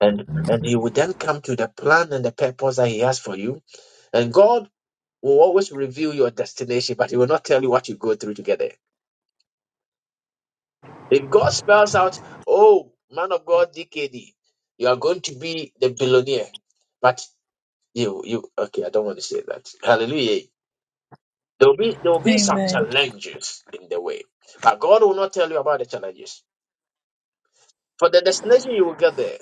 [SPEAKER 1] And and he would then come to the plan and the purpose that he has for you. And God will always reveal your destination, but it will not tell you what you go through to get there. If God spells out, oh, man of God, DKD, you are going to be the billionaire, but you, you, okay, I don't want to say that. Hallelujah. There will be, there will be some
[SPEAKER 4] Amen.
[SPEAKER 1] challenges in the way, but God will not tell you about the challenges. For the destination, you will get there,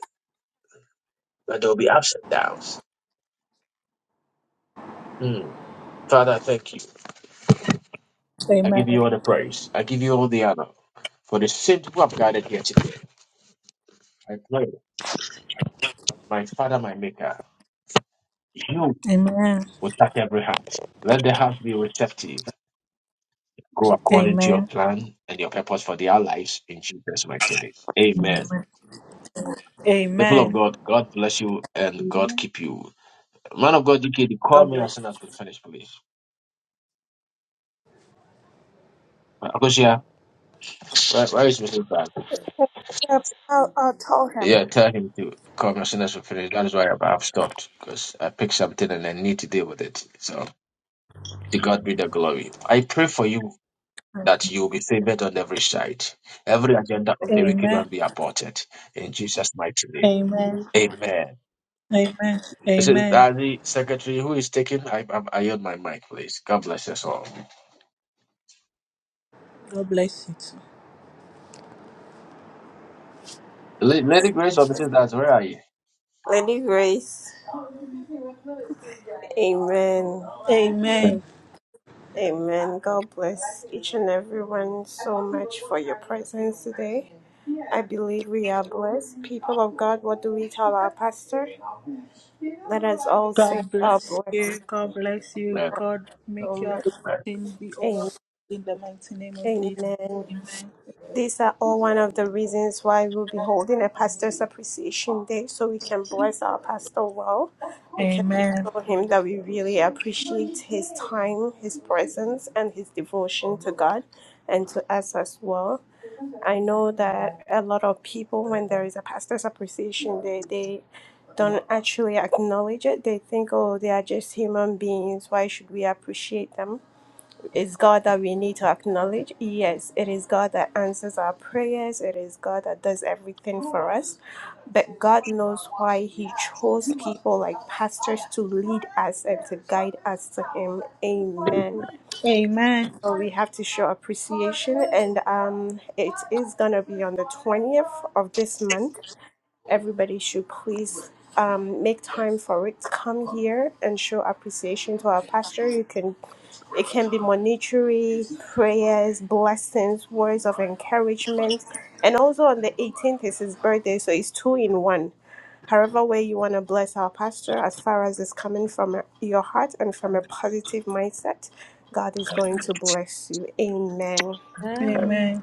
[SPEAKER 1] but there will be ups and downs. Mm. Father, I thank you. I
[SPEAKER 4] Amen.
[SPEAKER 1] give you all the praise. I give you all the honor for the saints who have gathered here today. I pray, my Father, my Maker. You
[SPEAKER 4] Amen.
[SPEAKER 1] will touch every heart. Let the heart be receptive. Go according to your
[SPEAKER 4] Amen. Amen.
[SPEAKER 1] plan and your purpose for their lives in Jesus' mighty name. Amen. People of
[SPEAKER 4] Amen.
[SPEAKER 1] God, God bless you and God
[SPEAKER 3] you.
[SPEAKER 1] keep you. Man of God, DKD, call
[SPEAKER 4] God
[SPEAKER 1] me
[SPEAKER 4] bless.
[SPEAKER 1] as soon as we finish, please. Akosia, where, where is Mr. Bag?
[SPEAKER 2] Yeah, I'll, I'll tell him.
[SPEAKER 1] Yeah, tell him to call me as soon as we finish. That is why I've I've stopped because I picked something and I need to deal with it. So, to God be the glory. I pray for you that you will be favored on every side. Every agenda of the wicked
[SPEAKER 4] Amen.
[SPEAKER 1] one be aborted in Jesus' mighty name.
[SPEAKER 4] Amen.
[SPEAKER 1] Amen.
[SPEAKER 4] Amen.
[SPEAKER 1] This is
[SPEAKER 4] Amen.
[SPEAKER 1] uh, the secretary who is taking. I, I, I yield my mic, please. God bless us all.
[SPEAKER 4] God bless you too.
[SPEAKER 1] La- Lady Grace of Mrs. That's where are you?
[SPEAKER 2] Lady Grace. Amen.
[SPEAKER 4] Amen.
[SPEAKER 2] Amen. God bless each and everyone so much for your presence today. I believe we are blessed. People of God, what do we tell our pastor? Let us all say
[SPEAKER 4] God
[SPEAKER 2] God
[SPEAKER 4] bless
[SPEAKER 2] bless
[SPEAKER 4] you. God bless you.
[SPEAKER 1] Amen.
[SPEAKER 4] God
[SPEAKER 2] so
[SPEAKER 4] make your
[SPEAKER 2] much.
[SPEAKER 4] sin be over
[SPEAKER 2] Amen.
[SPEAKER 4] in the mighty name of Jesus.
[SPEAKER 2] Amen.
[SPEAKER 4] Amen.
[SPEAKER 2] These are all one of the reasons why we'll be holding a pastor's appreciation day so we can bless our pastor well. We can
[SPEAKER 4] Amen.
[SPEAKER 2] show him that we really appreciate his time, his presence, and his devotion to God and to us as well. I know that a lot of people, when there is a pastor's appreciation day, they don't actually acknowledge it. They think, oh, they are just human beings. Why should we appreciate them? It's God that we need to acknowledge. Yes, it is God that answers our prayers. It is God that does everything for us. But God knows why He chose people like pastors to lead us and to guide us to Him. Amen.
[SPEAKER 4] Amen.
[SPEAKER 2] So we have to show appreciation, and um, it is gonna be on the twentieth of this month everybody should please um, make time for it. Come here and show appreciation to our pastor. You can, it can be monetary, prayers, blessings, words of encouragement, and also on the 18th is his birthday, so it's two in one. However, way you want to bless our pastor, as far as it's coming from your heart and from a positive mindset, God is going to bless you. Amen.
[SPEAKER 7] Amen.
[SPEAKER 4] Amen.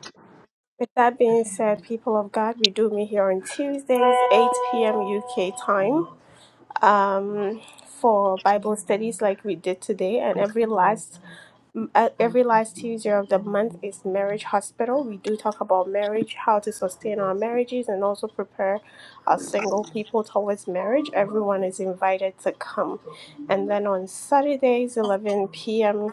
[SPEAKER 2] With that being said, people of God, we do meet here on Tuesdays, 8 p.m. UK time, um, for Bible studies like we did today. And every last uh, every last Tuesday of the month is Marriage Hospital. We do talk about marriage, how to sustain our marriages, and also prepare our single people towards marriage. Everyone is invited to come. And then on Saturdays, 11 p.m.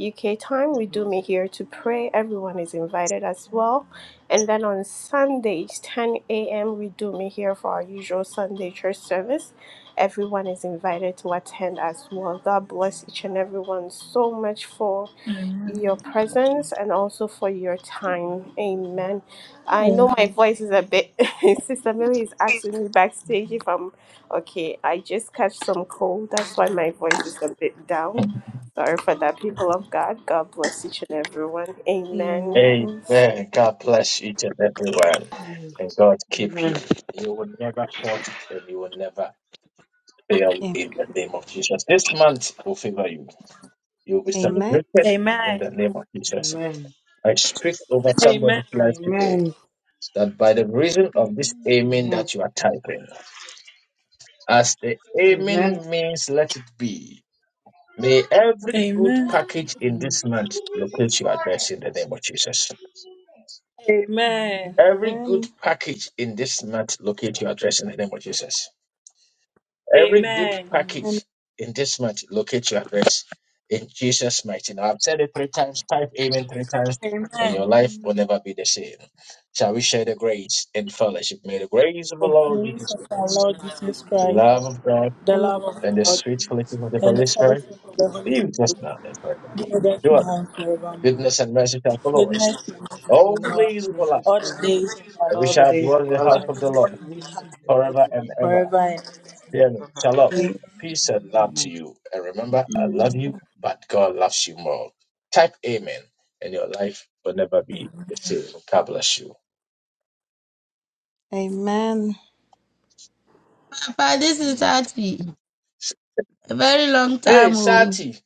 [SPEAKER 2] UK time. We do meet here to pray. Everyone is invited as well. And then on Sundays, 10 a.m., we do meet here for our usual Sunday church service. Everyone is invited to attend as well. God bless each and everyone so much for
[SPEAKER 4] Amen.
[SPEAKER 2] your presence and also for your time. Amen. I
[SPEAKER 4] Amen.
[SPEAKER 2] know my voice is a bit. <laughs> Sister Millie is asking me backstage if I'm okay. I just catch some cold. That's why my voice is a bit down.
[SPEAKER 1] Amen.
[SPEAKER 2] Sorry for that, people of God. God bless each and everyone. Amen.
[SPEAKER 7] Amen.
[SPEAKER 1] Amen. God bless each and everyone,
[SPEAKER 9] Amen.
[SPEAKER 1] and God keep you.
[SPEAKER 9] Amen.
[SPEAKER 1] You will never fault it, and you will never fail in the name of Jesus. This month will favor you. You will be
[SPEAKER 7] Amen.
[SPEAKER 1] celebrated
[SPEAKER 4] Amen.
[SPEAKER 1] in the name of Jesus.
[SPEAKER 9] Amen.
[SPEAKER 1] I speak over
[SPEAKER 4] Amen.
[SPEAKER 1] somebody's life today
[SPEAKER 9] Amen.
[SPEAKER 1] that by the reason of this
[SPEAKER 5] Amen.
[SPEAKER 1] amen that you are typing, as the
[SPEAKER 9] Amen.
[SPEAKER 1] amen means let it be, may every good
[SPEAKER 4] Amen.
[SPEAKER 1] package
[SPEAKER 9] Amen.
[SPEAKER 1] in this month locate your address in the name of Jesus.
[SPEAKER 4] Amen.
[SPEAKER 1] Every
[SPEAKER 5] Amen.
[SPEAKER 1] good package in this month locate your address in the name of Jesus. Every good
[SPEAKER 4] Amen.
[SPEAKER 5] Amen.
[SPEAKER 1] package in this month, locate your address in Jesus' mighty name. I've said it three times, type amen three times, and
[SPEAKER 4] Amen.
[SPEAKER 1] your life will
[SPEAKER 5] Amen.
[SPEAKER 1] never be the same. Shall we share the grace in fellowship? May the grace of the
[SPEAKER 4] The
[SPEAKER 1] Lord
[SPEAKER 4] grace
[SPEAKER 1] Jesus
[SPEAKER 4] of our
[SPEAKER 1] Christ,
[SPEAKER 4] Lord Jesus
[SPEAKER 1] the
[SPEAKER 5] Amen.
[SPEAKER 4] Christ,
[SPEAKER 1] love
[SPEAKER 5] Jesus
[SPEAKER 1] of God,
[SPEAKER 4] the
[SPEAKER 7] The light
[SPEAKER 4] love of
[SPEAKER 1] and the
[SPEAKER 4] God,
[SPEAKER 1] sweet fellowship of the
[SPEAKER 4] and the
[SPEAKER 1] Holy Spirit
[SPEAKER 5] Yes,
[SPEAKER 4] fellowship
[SPEAKER 5] we
[SPEAKER 4] of the
[SPEAKER 5] worship
[SPEAKER 4] Holy
[SPEAKER 1] be
[SPEAKER 5] the
[SPEAKER 4] Spirit
[SPEAKER 1] with us
[SPEAKER 5] Holy
[SPEAKER 1] now and
[SPEAKER 5] Spirit,
[SPEAKER 1] forevermore.
[SPEAKER 4] No,
[SPEAKER 5] who
[SPEAKER 4] that's
[SPEAKER 5] is
[SPEAKER 4] my
[SPEAKER 1] Surely,
[SPEAKER 5] now
[SPEAKER 4] home
[SPEAKER 5] and
[SPEAKER 4] forevermore.
[SPEAKER 5] forevermore.
[SPEAKER 1] goodness and mercy shall follow us
[SPEAKER 4] Goodness and mercy
[SPEAKER 1] all
[SPEAKER 9] Surely,
[SPEAKER 4] shall
[SPEAKER 1] the
[SPEAKER 4] follow us
[SPEAKER 1] days of our life,
[SPEAKER 9] Message
[SPEAKER 4] all
[SPEAKER 9] for
[SPEAKER 4] the
[SPEAKER 9] us.
[SPEAKER 4] days of our
[SPEAKER 1] and we
[SPEAKER 9] All the
[SPEAKER 4] lives,
[SPEAKER 1] shall
[SPEAKER 9] days
[SPEAKER 1] dwell in
[SPEAKER 9] of
[SPEAKER 1] the
[SPEAKER 9] our
[SPEAKER 1] house
[SPEAKER 4] and
[SPEAKER 1] of
[SPEAKER 4] we
[SPEAKER 9] lives.
[SPEAKER 4] will
[SPEAKER 1] the
[SPEAKER 4] dwell
[SPEAKER 1] Lord
[SPEAKER 9] And
[SPEAKER 4] in
[SPEAKER 9] We
[SPEAKER 4] the house
[SPEAKER 9] shall
[SPEAKER 4] of
[SPEAKER 9] dwell
[SPEAKER 4] the
[SPEAKER 9] in
[SPEAKER 4] Lord
[SPEAKER 5] house
[SPEAKER 1] forever
[SPEAKER 9] the
[SPEAKER 1] and
[SPEAKER 5] the
[SPEAKER 9] house of
[SPEAKER 1] ever.
[SPEAKER 9] the
[SPEAKER 4] forever and
[SPEAKER 9] Lord
[SPEAKER 1] Dearly,
[SPEAKER 9] forever and
[SPEAKER 1] shalom,
[SPEAKER 4] ever.
[SPEAKER 7] Amen.
[SPEAKER 1] peace and
[SPEAKER 9] ever.
[SPEAKER 1] love to
[SPEAKER 9] Amen.
[SPEAKER 1] you. And remember, I love
[SPEAKER 10] Amen.
[SPEAKER 1] you, but God loves you more. Type amen, and your life will never be the same. God bless you.
[SPEAKER 7] Amen.
[SPEAKER 10] Papa, this is Tati. A very long
[SPEAKER 1] Hey,
[SPEAKER 10] time old.
[SPEAKER 1] Sati,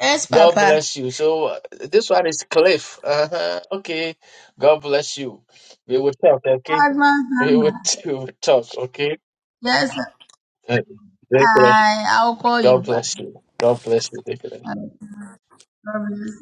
[SPEAKER 10] Yes,
[SPEAKER 1] God
[SPEAKER 10] Papa.
[SPEAKER 1] bless you. So uh, this one is Cliff. Uh-huh. Okay, God bless you. We will talk, okay?
[SPEAKER 10] Husband
[SPEAKER 1] We will,
[SPEAKER 10] number.
[SPEAKER 1] <laughs> we will talk, okay?
[SPEAKER 10] Yes,
[SPEAKER 1] Uh, Take care.
[SPEAKER 10] I I'll call you
[SPEAKER 1] God
[SPEAKER 10] back.
[SPEAKER 1] bless you. God bless you. Take care.
[SPEAKER 10] God bless